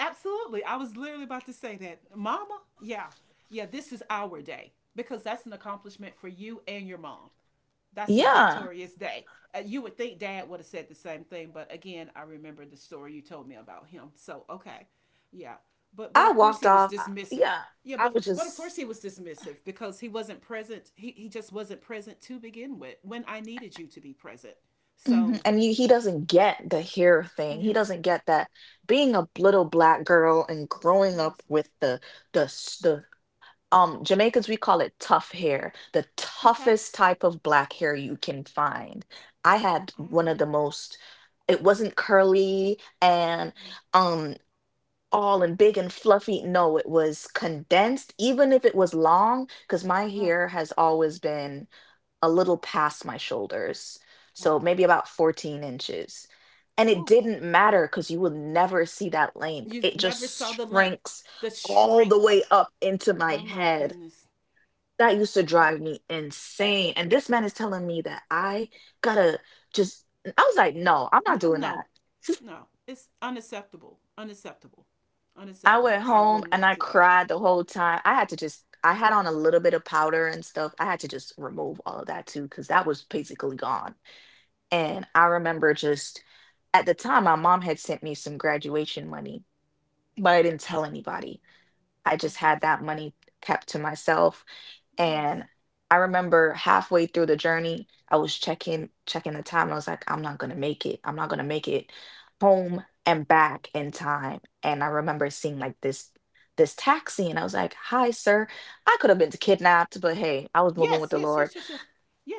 Speaker 2: Absolutely. I was literally about to say that. Mama, yeah. Yeah, this is our day because that's an accomplishment for you and your mom. That's a
Speaker 1: Yeah.
Speaker 2: victorious day. Uh, you would think dad would have said the same thing, but again, I remember the story you told me about him. So, okay. Yeah. But but
Speaker 1: I
Speaker 2: of course
Speaker 1: walked
Speaker 2: he was
Speaker 1: off. I-
Speaker 2: dismissive.
Speaker 1: Yeah.
Speaker 2: Yeah,
Speaker 1: I
Speaker 2: but
Speaker 1: was
Speaker 2: but of
Speaker 1: just.
Speaker 2: course he was dismissive because he wasn't present. He he just wasn't present to begin with when I needed you to be present.
Speaker 1: Mhm.
Speaker 2: So,
Speaker 1: And you, he doesn't get the hair thing. He
Speaker 2: yes.
Speaker 1: doesn't get that being a
Speaker 2: Yeah.
Speaker 1: little black girl and growing up
Speaker 2: Yes.
Speaker 1: with the the s- the um Jamaicans, we call it tough hair, the
Speaker 2: Okay.
Speaker 1: toughest type of black hair you can find. I had
Speaker 2: I
Speaker 1: one of
Speaker 2: agree.
Speaker 1: the most, it wasn't curly and um all and big and fluffy. No, it was condensed, even if it was long, because my
Speaker 2: Oh,
Speaker 1: hair has always been a little past my shoulders. So
Speaker 2: wow.
Speaker 1: maybe about fourteen inches. And it
Speaker 2: Ooh.
Speaker 1: didn't matter because you will never see that length.
Speaker 2: You
Speaker 1: It
Speaker 2: never saw
Speaker 1: just
Speaker 2: the length,
Speaker 1: shrinks
Speaker 2: the
Speaker 1: all
Speaker 2: shrink.
Speaker 1: the way up into my
Speaker 2: Oh my
Speaker 1: head.
Speaker 2: goodness.
Speaker 1: That used to
Speaker 2: I
Speaker 1: drive me insane. And this man is telling me that I gotta just, I was like, no, I'm not
Speaker 2: No,
Speaker 1: doing
Speaker 2: no,
Speaker 1: that.
Speaker 2: no. It's unacceptable. Unacceptable.
Speaker 1: I went
Speaker 2: Unacceptable. I will
Speaker 1: home and
Speaker 2: not
Speaker 1: I
Speaker 2: do that.
Speaker 1: cried the whole time. I had to just, I had on a little bit of powder and stuff. I had to just remove all of that too, because that was basically gone. And I remember just at the time, my mom had sent me some graduation money, but I didn't tell anybody. I just
Speaker 2: Okay.
Speaker 1: had that money kept to myself.
Speaker 2: Yes.
Speaker 1: And I remember halfway through the journey, I was checking checking the time. I was like, I'm not gonna make it. I'm not gonna make it home and back in time. And I remember seeing like this this taxi, and I was like, "Hi, sir. I could have been kidnapped, but hey, I was moving with
Speaker 2: Yes,
Speaker 1: the
Speaker 2: yes,
Speaker 1: Lord."
Speaker 2: yes, yes, yes.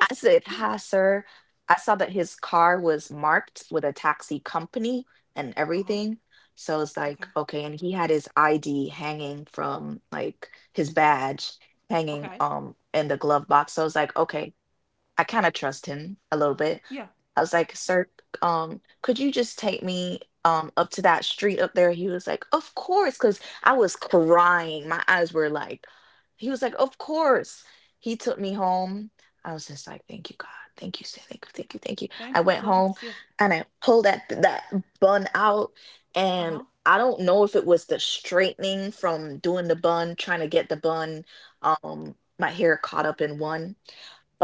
Speaker 1: I said,
Speaker 2: yes.
Speaker 1: Hi, sir. I saw that his car was marked with a taxi company and
Speaker 2: Uh huh.
Speaker 1: everything. So it's like,
Speaker 2: Okay.
Speaker 1: okay. And he had his I D hanging from like his badge hanging
Speaker 2: Okay.
Speaker 1: um in the glove box. So it's like, okay, I kind of trust him a little bit.
Speaker 2: Yeah.
Speaker 1: I was like, "Sir, um, could you just take me um up to that street up there?" He was like, "Of course," because I was crying. My eyes were like, he was like, "Of course." He took me home. I was just like, "Thank you, God. Thank you, sir. Thank you, thank you, thank you." I
Speaker 2: Thank you
Speaker 1: went
Speaker 2: so
Speaker 1: home
Speaker 2: much. Yes.
Speaker 1: and I pulled that that bun out,
Speaker 2: Uh
Speaker 1: and
Speaker 2: huh.
Speaker 1: I don't know if it was the straightening from doing the bun, trying to get the bun, um, my hair caught up in one,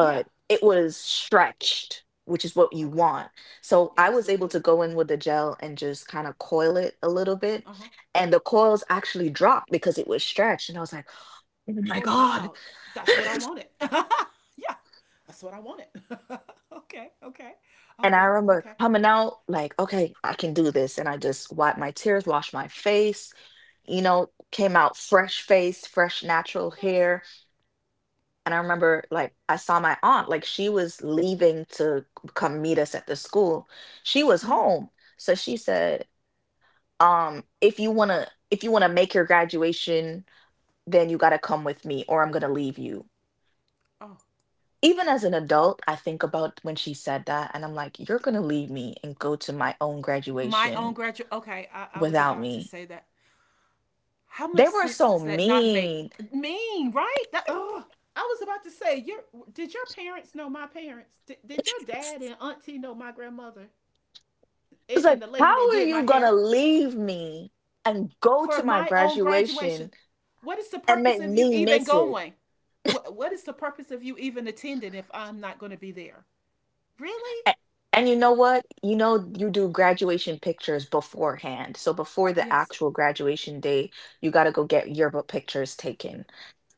Speaker 2: Yeah.
Speaker 1: it was stretched, which is what you
Speaker 2: Okay.
Speaker 1: want. So
Speaker 2: Yeah,
Speaker 1: I was able
Speaker 2: absolutely.
Speaker 1: to go in with the gel and just kind of coil it a little bit.
Speaker 2: Uh huh.
Speaker 1: And the coils actually dropped because it was stretched. And I was like, oh my
Speaker 2: Oh,
Speaker 1: God.
Speaker 2: wow. That's what I wanted. Yeah. That's what I wanted. Okay. Okay. Oh,
Speaker 1: And I
Speaker 2: girl.
Speaker 1: remember
Speaker 2: Okay.
Speaker 1: coming out like, okay, I can do this. And I just wiped my tears, washed my face, you know, came out fresh faced, fresh natural
Speaker 2: Yes.
Speaker 1: hair. And I remember, like, I saw my aunt, like, she was leaving to come meet us at the school. She was
Speaker 2: Hmm.
Speaker 1: home. So she said, um, if you want to if you want to make your graduation, then you got to come with me or I'm going to leave you.
Speaker 2: Oh,
Speaker 1: Even as an adult, I think about when she said that and I'm like, you're going to leave me and go to my own
Speaker 2: my own
Speaker 1: graduation
Speaker 2: graduate. Okay. I, I was
Speaker 1: without
Speaker 2: about to
Speaker 1: me.
Speaker 2: say that. How much
Speaker 1: They were
Speaker 2: sense
Speaker 1: so
Speaker 2: does that not make?
Speaker 1: mean.
Speaker 2: Mean, right? That, ugh. I was about to say, your did your parents know my parents? Did, did your dad and auntie know my grandmother and,
Speaker 1: It's
Speaker 2: and
Speaker 1: like,
Speaker 2: the lady that
Speaker 1: how are
Speaker 2: did my
Speaker 1: you going to
Speaker 2: hair
Speaker 1: leave me and go
Speaker 2: for
Speaker 1: to my
Speaker 2: my own graduation?
Speaker 1: graduation
Speaker 2: What is the
Speaker 1: and
Speaker 2: purpose
Speaker 1: make
Speaker 2: of you
Speaker 1: me
Speaker 2: even
Speaker 1: miss it?
Speaker 2: going? What What is the purpose of you even attending if I'm not going to be there? Really?
Speaker 1: A- And you know what? You know, you do graduation pictures beforehand. So before the
Speaker 2: Yes.
Speaker 1: actual graduation day, you got to go get yearbook pictures taken.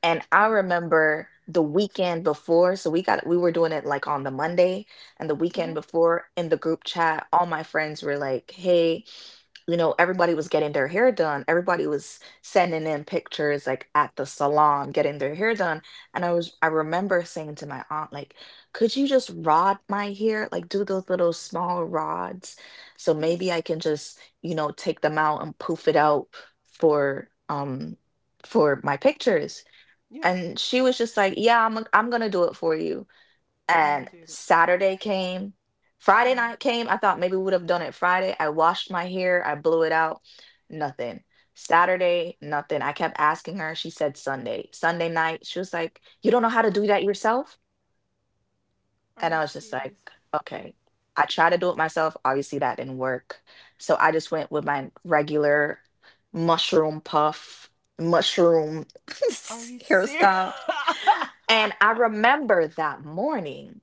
Speaker 1: And I
Speaker 2: Oh.
Speaker 1: remember the weekend before, so we got we were doing it like on the Monday, and the weekend
Speaker 2: Mhm.
Speaker 1: before in the group chat, all my friends were like, "Hey, you know, everybody was getting their hair done. Everybody was sending in pictures like at the salon getting their hair done. And I was, I remember saying to my aunt, like, could you just rod my hair? Like, do those little small rods. So maybe
Speaker 2: Yes.
Speaker 1: I can just, you know, take them out and poof it out for, um, for my pictures.
Speaker 2: Yes.
Speaker 1: And she was just like, yeah, I'm, I'm gonna do it for you,
Speaker 2: Never
Speaker 1: and
Speaker 2: did it.
Speaker 1: Saturday came. Friday
Speaker 2: Yeah.
Speaker 1: night came. I thought maybe we would have done it Friday. I washed my hair, I blew it out, nothing. Saturday, nothing. I kept asking her. She said Sunday. Sunday night, she was like, You don't know how to do that yourself?
Speaker 2: Are
Speaker 1: And
Speaker 2: you
Speaker 1: I was just like,
Speaker 2: serious?
Speaker 1: Okay. I tried to do it myself. Obviously, that didn't work. So I just went with my regular mushroom puff, mushroom
Speaker 2: Are you serious?
Speaker 1: hairstyle.
Speaker 2: Uh
Speaker 1: And I remember that morning.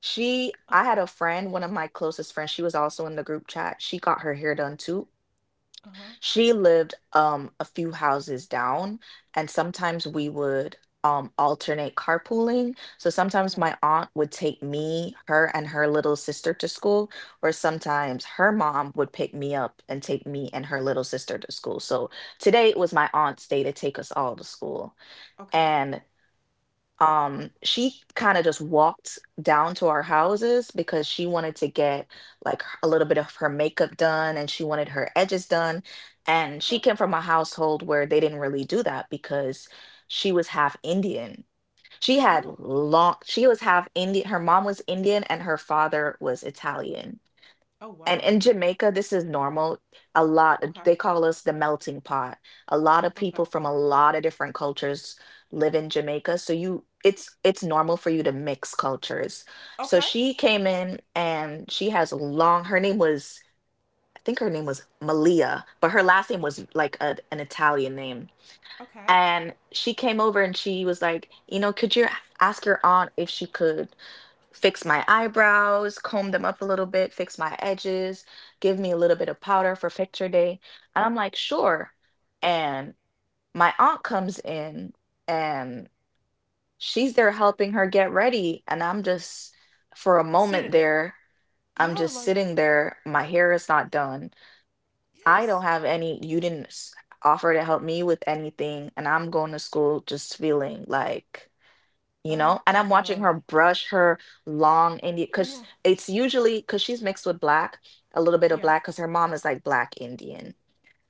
Speaker 1: She I had a friend, one of my closest friends, she was also in the group chat. She got her hair done too.
Speaker 2: huh.
Speaker 1: She lived um a few houses down, and sometimes we would um alternate carpooling. So sometimes
Speaker 2: Okay.
Speaker 1: my aunt would take me, her and her little sister to school, or sometimes her mom would pick me up and take me and her little sister to school. So today it was my aunt's day to take us all to school.
Speaker 2: Okay.
Speaker 1: And um she kind of just walked down to our houses because she wanted to get like h- a little bit of her makeup done and she wanted her edges done, and
Speaker 2: Okay.
Speaker 1: she came from a household where they didn't really do that because she was half Indian. She had
Speaker 2: Oh.
Speaker 1: long she was half Indian, her mom was Indian and her father was Italian.
Speaker 2: Oh
Speaker 1: And
Speaker 2: wow.
Speaker 1: in Jamaica, this is normal. A lot,
Speaker 2: Okay.
Speaker 1: they call us the melting pot. A lot of
Speaker 2: Okay.
Speaker 1: people from a lot of different cultures live in Jamaica, so you it's it's normal for you to mix cultures. So
Speaker 2: Okay.
Speaker 1: she came in and she has long, her name was, I think her name was Malia, but her last name
Speaker 2: Okay.
Speaker 1: was like a, an Italian name.
Speaker 2: Okay.
Speaker 1: And she came over and she was like, you know, could you ask your aunt if she could fix my eyebrows, comb them up a little bit, fix my edges, give me a little bit of powder for picture day. And I'm like, sure. And my aunt comes in and she's there helping her get ready. And I'm just, for a
Speaker 2: Sitting
Speaker 1: moment
Speaker 2: there.
Speaker 1: there, I'm
Speaker 2: Yeah,
Speaker 1: just
Speaker 2: like,
Speaker 1: sitting there. My hair is not done. I don't
Speaker 2: yes.
Speaker 1: have any, you didn't s- offer to help me with anything. And I'm going to school just feeling like, you
Speaker 2: Oh
Speaker 1: know, and
Speaker 2: my
Speaker 1: I'm watching
Speaker 2: God.
Speaker 1: her brush her long Indian, because
Speaker 2: Yeah.
Speaker 1: it's usually because she's mixed with black, a little bit of
Speaker 2: Yeah.
Speaker 1: black because her mom is like black Indian,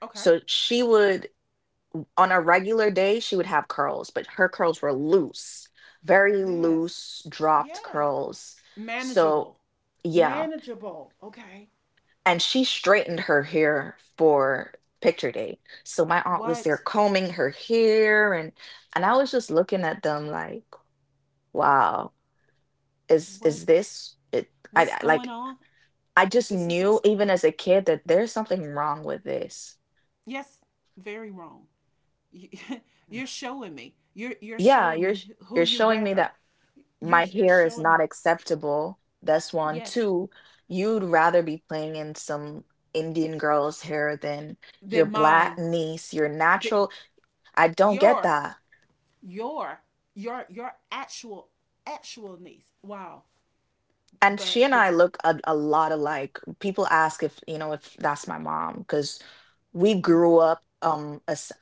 Speaker 2: Okay.
Speaker 1: so she would on a regular day she would have curls, but her curls were loose, very
Speaker 2: Yes.
Speaker 1: loose dropped
Speaker 2: Yes.
Speaker 1: curls, so
Speaker 2: Manageable.
Speaker 1: yeah.
Speaker 2: Manageable. Okay.
Speaker 1: And she straightened her hair for picture day, so my aunt was there
Speaker 2: What
Speaker 1: combing her hair and and I was just looking at them like wow, is
Speaker 2: what
Speaker 1: is this it? I,
Speaker 2: what's
Speaker 1: I-
Speaker 2: going
Speaker 1: like
Speaker 2: on?
Speaker 1: I just
Speaker 2: This is
Speaker 1: knew
Speaker 2: what's going
Speaker 1: even
Speaker 2: on.
Speaker 1: as a kid that there's something wrong with this.
Speaker 2: Yes, very wrong. You- are showing me. You're you're
Speaker 1: Yeah,
Speaker 2: showing
Speaker 1: you're
Speaker 2: me
Speaker 1: sh-
Speaker 2: who
Speaker 1: you're
Speaker 2: you
Speaker 1: showing me
Speaker 2: rather.
Speaker 1: that
Speaker 2: You're
Speaker 1: my
Speaker 2: you're
Speaker 1: hair is
Speaker 2: showing
Speaker 1: not
Speaker 2: me.
Speaker 1: acceptable. That's one.
Speaker 2: Yes,
Speaker 1: Two, you'd rather be playing in some Indian girl's hair than your
Speaker 2: than
Speaker 1: black
Speaker 2: mine.
Speaker 1: niece, your
Speaker 2: The,
Speaker 1: natural. I don't get
Speaker 2: your
Speaker 1: that.
Speaker 2: your your your actual actual niece. Wow.
Speaker 1: And
Speaker 2: But
Speaker 1: she and
Speaker 2: but
Speaker 1: I look a, a lot alike. People ask if, you know, if that's my mom because we grew up um as,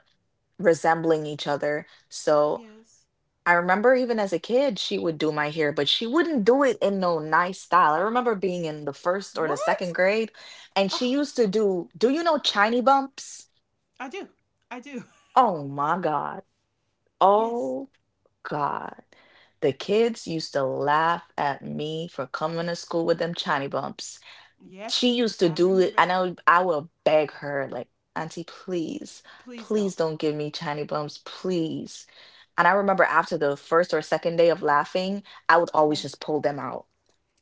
Speaker 1: resembling each other. So
Speaker 2: yes.
Speaker 1: I remember even as a kid, she would do my hair, but she wouldn't do it in no nice style. I remember being in the first or the second
Speaker 2: What?
Speaker 1: grade, and she
Speaker 2: Oh,
Speaker 1: used to do, do you know chiny bumps?
Speaker 2: I do. I do.
Speaker 1: Oh my God.
Speaker 2: Yes.
Speaker 1: Oh God. The kids used to laugh at me for coming to school with them chiny bumps. She
Speaker 2: Yes.
Speaker 1: used to
Speaker 2: I
Speaker 1: do it,
Speaker 2: remember
Speaker 1: and
Speaker 2: that.
Speaker 1: I would I would beg her, like, Auntie, please,
Speaker 2: Please don't.
Speaker 1: please don't give me Chinese bums, please. And I remember after the first or second day of laughing, I would always
Speaker 2: Yeah.
Speaker 1: just pull them out,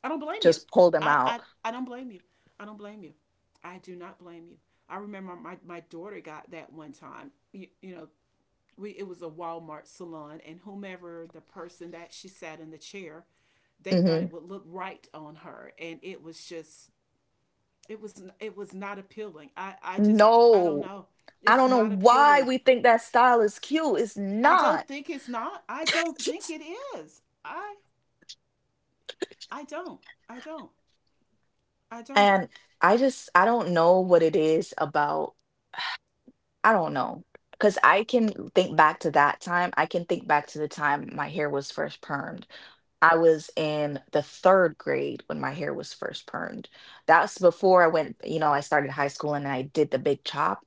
Speaker 2: I don't blame you.
Speaker 1: just pull them
Speaker 2: I I,
Speaker 1: out.
Speaker 2: I don't blame you. I don't blame you. I do not blame you. I remember my, my daughter got that one time. You, you know, we It was a Walmart salon, and whomever the person that she sat in the chair, they thought it
Speaker 1: hmm
Speaker 2: would look right on her, and it was just it was it was not appealing. I i just, I don't
Speaker 1: No,
Speaker 2: know,
Speaker 1: I
Speaker 2: it's
Speaker 1: don't know
Speaker 2: not
Speaker 1: why
Speaker 2: appealing.
Speaker 1: we think that style is cute. It's
Speaker 2: i
Speaker 1: not.
Speaker 2: don't think it's not I don't think it is. I i don't i don't i don't
Speaker 1: And I just, I don't know what it is about, I don't know. Because I can think back to that time. I can think back to the time my hair was first permed. I was in the third grade when my hair was first permed. That's before I went, you know, I started high school and I did the big chop.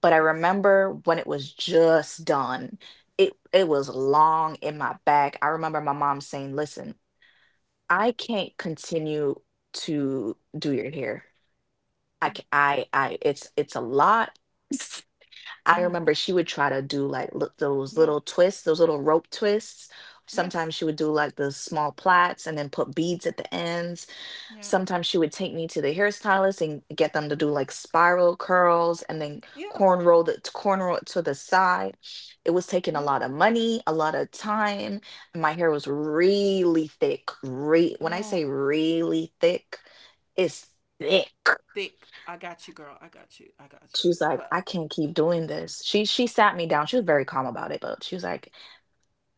Speaker 1: But I
Speaker 2: Yes.
Speaker 1: remember when it was just done, it it was long in my back. I remember my mom saying, "Listen, I can't continue to do your hair. I
Speaker 2: Mm.
Speaker 1: ca- I I it's it's a lot." I
Speaker 2: Mm.
Speaker 1: remember she would try to do like li- those
Speaker 2: Yeah.
Speaker 1: little twists, those little rope twists. Sometimes
Speaker 2: Yes.
Speaker 1: she would do like the small plaits and then put beads at the ends.
Speaker 2: Yeah.
Speaker 1: Sometimes she would take me to the hairstylist and get them to do like spiral curls and then
Speaker 2: Yeah.
Speaker 1: cornrow the cornrow it to the side. It was taking a
Speaker 2: Yeah.
Speaker 1: lot of money, a lot of time. My hair was really thick. Re- when I
Speaker 2: Oh.
Speaker 1: say really thick, it's thick.
Speaker 2: Thick, I got you, girl. I got you. I got
Speaker 1: She
Speaker 2: you.
Speaker 1: was like,
Speaker 2: But uh,
Speaker 1: I can't keep doing this. She she sat me down. She was very calm about it, but she was like,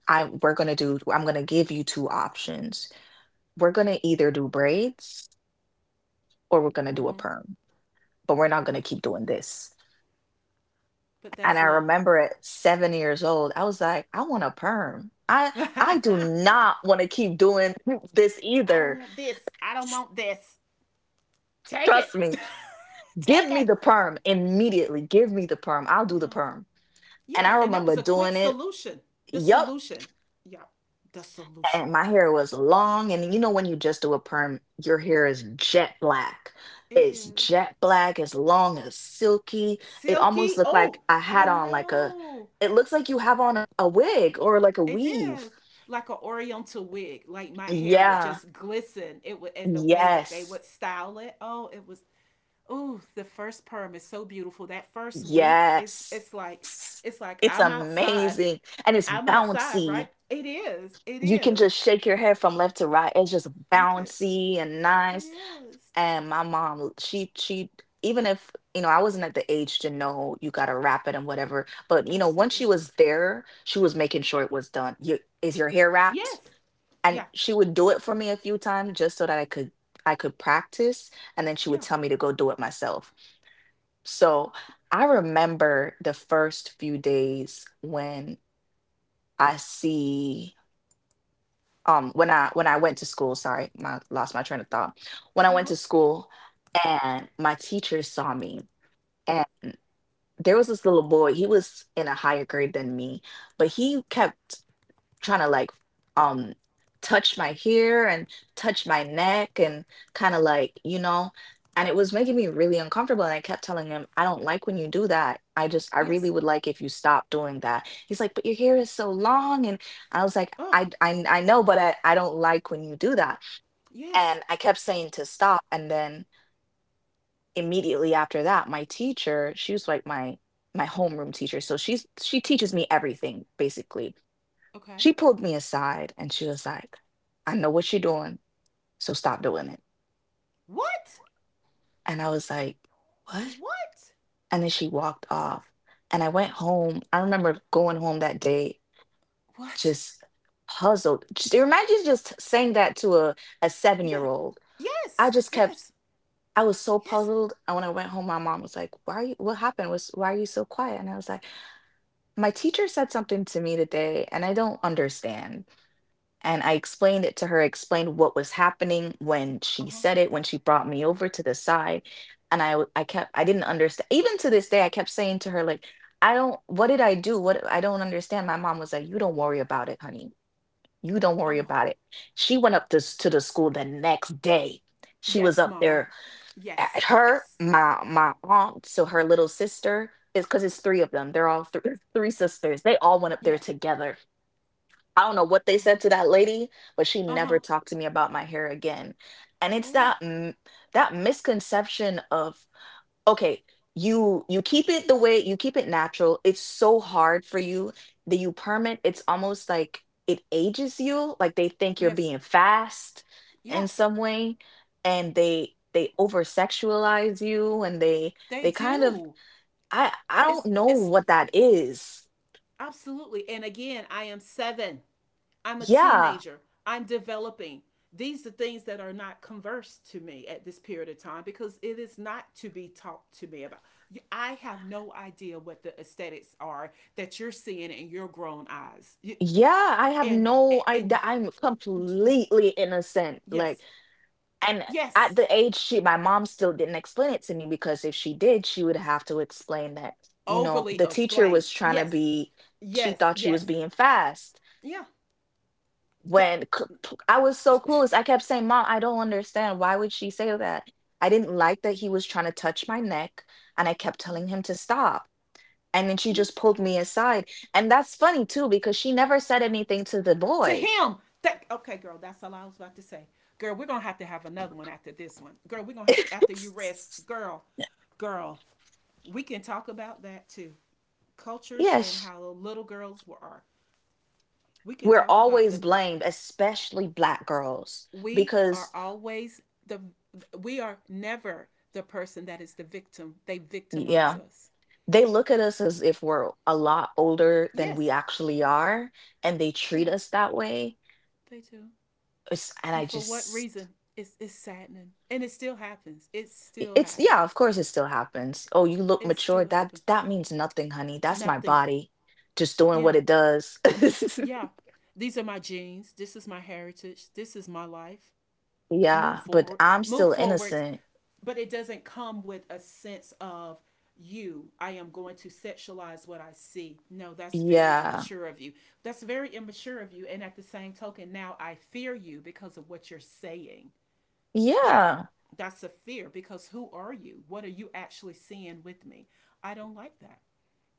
Speaker 1: I we're gonna do I'm gonna give you two options. We're gonna either do braids or we're gonna do a
Speaker 2: mm-hmm.
Speaker 1: perm, but we're not
Speaker 2: Oh,
Speaker 1: gonna keep doing this.
Speaker 2: but
Speaker 1: And
Speaker 2: that's
Speaker 1: I
Speaker 2: love.
Speaker 1: remember at seven years old, I was like, I want a perm. I
Speaker 2: I
Speaker 1: I do not want to keep doing this
Speaker 2: don't
Speaker 1: either.
Speaker 2: want this. I don't
Speaker 1: S-
Speaker 2: want this. Take it.
Speaker 1: Trust me. Give
Speaker 2: Take
Speaker 1: me
Speaker 2: it.
Speaker 1: the perm immediately. Give me the perm. I'll do the
Speaker 2: Yeah.
Speaker 1: perm. And
Speaker 2: Yeah.
Speaker 1: I
Speaker 2: And that
Speaker 1: remember
Speaker 2: was a quick
Speaker 1: doing it.
Speaker 2: solution. The
Speaker 1: Yup.
Speaker 2: solution. Yeah. The solution.
Speaker 1: And my hair was long, and you know when you just do a perm, your hair is jet black,
Speaker 2: It
Speaker 1: it's
Speaker 2: is.
Speaker 1: jet black, as long as silky. It almost
Speaker 2: Silky.
Speaker 1: looked like
Speaker 2: Oh,
Speaker 1: I
Speaker 2: I
Speaker 1: had on like a
Speaker 2: know.
Speaker 1: it looks like you have on a, a wig or like a
Speaker 2: It
Speaker 1: weave.
Speaker 2: is. Like an oriental wig. Like my hair would
Speaker 1: Yeah,
Speaker 2: just glisten. It would, and the way that they
Speaker 1: yes,
Speaker 2: would style it. Oh, it was oh, the first perm is so beautiful. That first week it's
Speaker 1: yes.
Speaker 2: it's like
Speaker 1: S-
Speaker 2: it's like
Speaker 1: it's
Speaker 2: I'm outside.
Speaker 1: amazing, and it's
Speaker 2: I'm outside, right?
Speaker 1: bouncy.
Speaker 2: It is. It
Speaker 1: You can
Speaker 2: is.
Speaker 1: just shake your hair from left to right. It's just
Speaker 2: You could
Speaker 1: bouncy and
Speaker 2: It
Speaker 1: nice.
Speaker 2: is.
Speaker 1: And my mom, she she even if, you know, I wasn't at the age to know you gotta wrap it and whatever, but you know, once she
Speaker 2: Absolutely.
Speaker 1: was there, she was making sure it was done. You, is your hair wrapped?
Speaker 2: Yes.
Speaker 1: And
Speaker 2: Yeah.
Speaker 1: she would do it for me a few times just so that I could I could practice, and then she would
Speaker 2: Yeah.
Speaker 1: tell me to go do it myself. So I remember the first few days when I see um when I when I went to school, sorry, my lost my train of thought. When I
Speaker 2: Uh
Speaker 1: went
Speaker 2: huh.
Speaker 1: to school and my teacher saw me, and there was this little boy, he was in a higher grade than me, but he kept trying to like um touch my hair and touch my neck and kind of like, you know and it was making me really uncomfortable, and I kept telling him, I don't like when you do that. i just I really
Speaker 2: Yes.
Speaker 1: would like if you stop doing that. He's like, but your hair is so long. And I was like
Speaker 2: Oh,
Speaker 1: I I, I know, but I, I don't like when you do that.
Speaker 2: yes.
Speaker 1: And I kept saying to stop, and then immediately after that, my teacher, she was like, my my homeroom teacher, so she's she teaches me everything basically.
Speaker 2: Okay.
Speaker 1: She pulled me aside, and she was like, I know what you're doing, so stop doing it.
Speaker 2: What?
Speaker 1: And I was like, What?
Speaker 2: What?
Speaker 1: And then she walked off. And I went home. I remember going home that day
Speaker 2: What?
Speaker 1: just puzzled. Just, imagine just saying that to a, a seven year
Speaker 2: Yeah.
Speaker 1: old. I
Speaker 2: Yes.
Speaker 1: just kept,
Speaker 2: Yes.
Speaker 1: I was so
Speaker 2: Yes.
Speaker 1: puzzled. And when I went home, my mom was like, Why are you, what happened? Was, why are you so quiet? And I was like, My teacher said something to me today and I don't understand. And I explained it to her, explained what was happening when
Speaker 2: Uh
Speaker 1: she
Speaker 2: huh.
Speaker 1: said it, when she brought me over to the side. And I w- I kept, I didn't understand. Even to this day, I kept saying to her, like, I don't what did I do? What I don't understand. My mom was like, You don't worry about it, honey. You don't worry
Speaker 2: Oh.
Speaker 1: about it. She went up to, s- to the school the next day. She was
Speaker 2: Yes,
Speaker 1: up
Speaker 2: Mama.
Speaker 1: there at
Speaker 2: Yes.
Speaker 1: her,
Speaker 2: Yes.
Speaker 1: my my aunt, so her little sister, is because it's three of them. They're all three three sisters. They all went up there
Speaker 2: Yeah.
Speaker 1: together. I don't know what they
Speaker 2: Uh huh.
Speaker 1: said to that lady, but she
Speaker 2: Uh
Speaker 1: never
Speaker 2: huh.
Speaker 1: talked to me about my hair again. And it's
Speaker 2: Oh.
Speaker 1: that m- that misconception of, okay, you you keep it the way you keep it natural. It's so hard for you that you permit. It's almost like it ages you. Like they think you're
Speaker 2: Yes.
Speaker 1: being fast in
Speaker 2: Yeah.
Speaker 1: some way, and they they over sexualize you, and they
Speaker 2: They
Speaker 1: they kind of
Speaker 2: do.
Speaker 1: I I don't
Speaker 2: It's
Speaker 1: know
Speaker 2: it's
Speaker 1: what that is.
Speaker 2: absolutely. And again, I am seven. I'm a
Speaker 1: Yeah.
Speaker 2: teenager. I'm developing. These are things that are not conversed to me at this period of time because it is not to be talked to me about. I have no idea what the aesthetics are that you're seeing in your grown eyes.
Speaker 1: Yeah, I have
Speaker 2: and,
Speaker 1: no
Speaker 2: and and
Speaker 1: idea. I'm completely innocent. Like,
Speaker 2: yes,
Speaker 1: and at
Speaker 2: yes,
Speaker 1: the age she, my mom still didn't explain it to me, because if she did, she would have to explain that, you know,
Speaker 2: overly
Speaker 1: the teacher
Speaker 2: explained.
Speaker 1: was trying to
Speaker 2: Yes,
Speaker 1: be, she
Speaker 2: yes,
Speaker 1: thought she was
Speaker 2: yes,
Speaker 1: being fast.
Speaker 2: yeah,
Speaker 1: When c- p- I was so clueless, I kept saying, Mom, I don't understand. Why would she say that? I didn't like that he was trying to touch my neck, and I kept telling him to stop. And then she
Speaker 2: yeah.
Speaker 1: just pulled me aside. And that's funny too, because she never said anything to the
Speaker 2: To
Speaker 1: boy.
Speaker 2: him. That okay, girl. That's all I was about to say. Girl, we're gonna have to have another one after this one. Girl, we're gonna have after you rest. Girl, girl, we can talk about that too. Cultures and
Speaker 1: Yes,
Speaker 2: how little girls were are. We can
Speaker 1: we're
Speaker 2: talk about the.
Speaker 1: always blamed, especially black girls,
Speaker 2: We are
Speaker 1: because,
Speaker 2: always the. We are never the person that is the victim. They victimize
Speaker 1: yeah,
Speaker 2: us.
Speaker 1: they look at us as if we're a lot older than we
Speaker 2: Yes.
Speaker 1: actually are, and they treat
Speaker 2: Yeah,
Speaker 1: us that way.
Speaker 2: they do.
Speaker 1: It's, and
Speaker 2: And
Speaker 1: I
Speaker 2: for what
Speaker 1: just
Speaker 2: reason? It's, it's saddening. And it still happens. It
Speaker 1: I-
Speaker 2: still
Speaker 1: it's, yeah, of
Speaker 2: happens.
Speaker 1: course it still happens. Oh, you look
Speaker 2: It
Speaker 1: mature.
Speaker 2: still
Speaker 1: That
Speaker 2: happens.
Speaker 1: that means nothing, honey. That's my
Speaker 2: Nothing.
Speaker 1: body just doing what
Speaker 2: Yeah,
Speaker 1: it does.
Speaker 2: yeah. These are my genes. This is my heritage. This is my life. Move
Speaker 1: Yeah, but
Speaker 2: forward.
Speaker 1: I'm
Speaker 2: Move
Speaker 1: still
Speaker 2: forward.
Speaker 1: innocent.
Speaker 2: But it doesn't come with a sense of— you. I am going to sexualize what I see. No, that's very
Speaker 1: Yeah.
Speaker 2: immature of you. That's very immature of you. And at the same token, now I fear you because of what you're saying. That's
Speaker 1: Yeah.
Speaker 2: that's a fear because who are you? What are you actually seeing with me? I don't like that.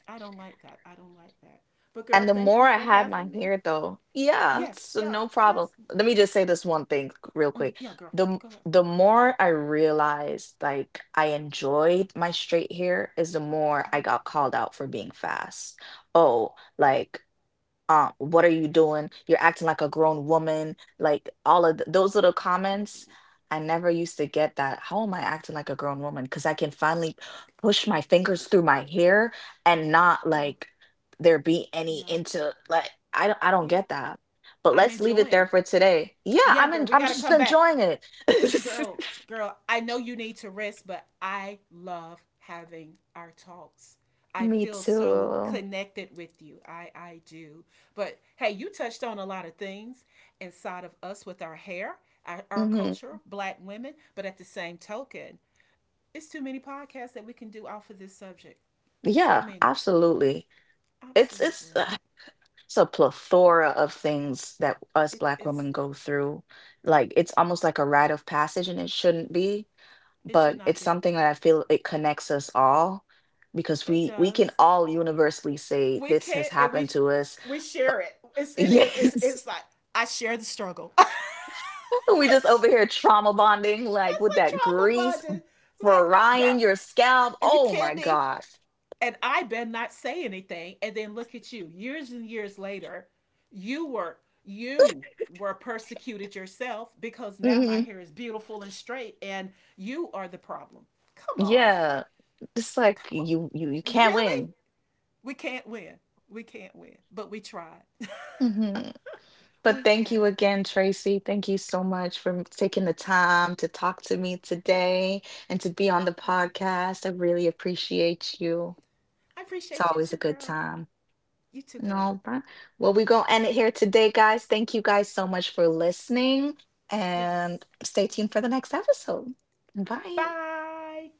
Speaker 2: I don't like that. I don't like that. But girl,
Speaker 1: And the
Speaker 2: thank
Speaker 1: more
Speaker 2: you
Speaker 1: I
Speaker 2: for
Speaker 1: had my
Speaker 2: having me.
Speaker 1: hair though, yeah,
Speaker 2: Yes,
Speaker 1: so
Speaker 2: yeah,
Speaker 1: no problem.
Speaker 2: yes,
Speaker 1: Let me just say this one thing c- real
Speaker 2: mm,
Speaker 1: quick.
Speaker 2: yeah, girl.
Speaker 1: The m-
Speaker 2: Go ahead.
Speaker 1: the more I realized like I enjoyed my straight hair is the more I got called out for being fast. Oh, like uh, what are you doing? You're acting like a grown woman. Like all of th- those little
Speaker 2: What,
Speaker 1: comments, I never used to get that. How am I acting like a grown woman? Because I can finally push my fingers through my hair and not
Speaker 2: yeah,
Speaker 1: like there be any
Speaker 2: yeah,
Speaker 1: into like, I don't I don't
Speaker 2: yeah.
Speaker 1: get that. But
Speaker 2: I'm
Speaker 1: let's leave it there
Speaker 2: enjoying.
Speaker 1: for today. Yeah,
Speaker 2: Yeah,
Speaker 1: I'm
Speaker 2: girl,
Speaker 1: in,
Speaker 2: we
Speaker 1: I'm
Speaker 2: gotta
Speaker 1: just
Speaker 2: come back.
Speaker 1: enjoying it.
Speaker 2: Girl, girl, I know you need to rest, but I love having our talks. I
Speaker 1: Me
Speaker 2: feel so
Speaker 1: too.
Speaker 2: connected with you. I I do. But hey, you touched on a lot of things inside of us with our hair, our, our
Speaker 1: hmm
Speaker 2: culture, black women, but at the same token, it's too many podcasts that we can do off of this subject. So
Speaker 1: Yeah,
Speaker 2: many.
Speaker 1: absolutely. It's it's
Speaker 2: Absolutely.
Speaker 1: It's a plethora of things that us Black
Speaker 2: it's
Speaker 1: women go through. Like it's almost like a rite of passage, and it shouldn't be,
Speaker 2: it should
Speaker 1: but
Speaker 2: not
Speaker 1: it's
Speaker 2: be.
Speaker 1: something that I feel it connects us all because
Speaker 2: It
Speaker 1: we we can
Speaker 2: does.
Speaker 1: all universally say
Speaker 2: We
Speaker 1: this has
Speaker 2: can't, and
Speaker 1: happened
Speaker 2: we
Speaker 1: to us.
Speaker 2: we share it. It's it is it's
Speaker 1: Yes,
Speaker 2: it's like I share the struggle.
Speaker 1: we just
Speaker 2: That's
Speaker 1: over here trauma bonding, like with that
Speaker 2: like trauma
Speaker 1: grease
Speaker 2: bonding. Like,
Speaker 1: frying
Speaker 2: girl,
Speaker 1: your scalp.
Speaker 2: are you
Speaker 1: Oh my
Speaker 2: kidding me?
Speaker 1: gosh.
Speaker 2: And I better not say anything. And then look at you, years and years later, you were you were persecuted yourself because now my
Speaker 1: hmm
Speaker 2: hair is beautiful and straight, and you are the problem. Come on,
Speaker 1: Yeah, it's
Speaker 2: come
Speaker 1: like you you you
Speaker 2: on,
Speaker 1: can't
Speaker 2: really?
Speaker 1: win.
Speaker 2: We can't win. We can't win, but we tried.
Speaker 1: Mm-hmm. But
Speaker 2: We
Speaker 1: thank you
Speaker 2: have.
Speaker 1: again, Tracy. Thank you so much for m- taking the time to talk to me today and to be on the podcast. I really appreciate you.
Speaker 2: I
Speaker 1: It's
Speaker 2: appreciate you
Speaker 1: always a
Speaker 2: too,
Speaker 1: good
Speaker 2: girl.
Speaker 1: time.
Speaker 2: You too,
Speaker 1: No,
Speaker 2: girl.
Speaker 1: all right. Well, we're going to end it here today, guys. Thank you guys so much for listening and
Speaker 2: Yes.
Speaker 1: stay tuned for the next episode. Bye.
Speaker 2: Bye.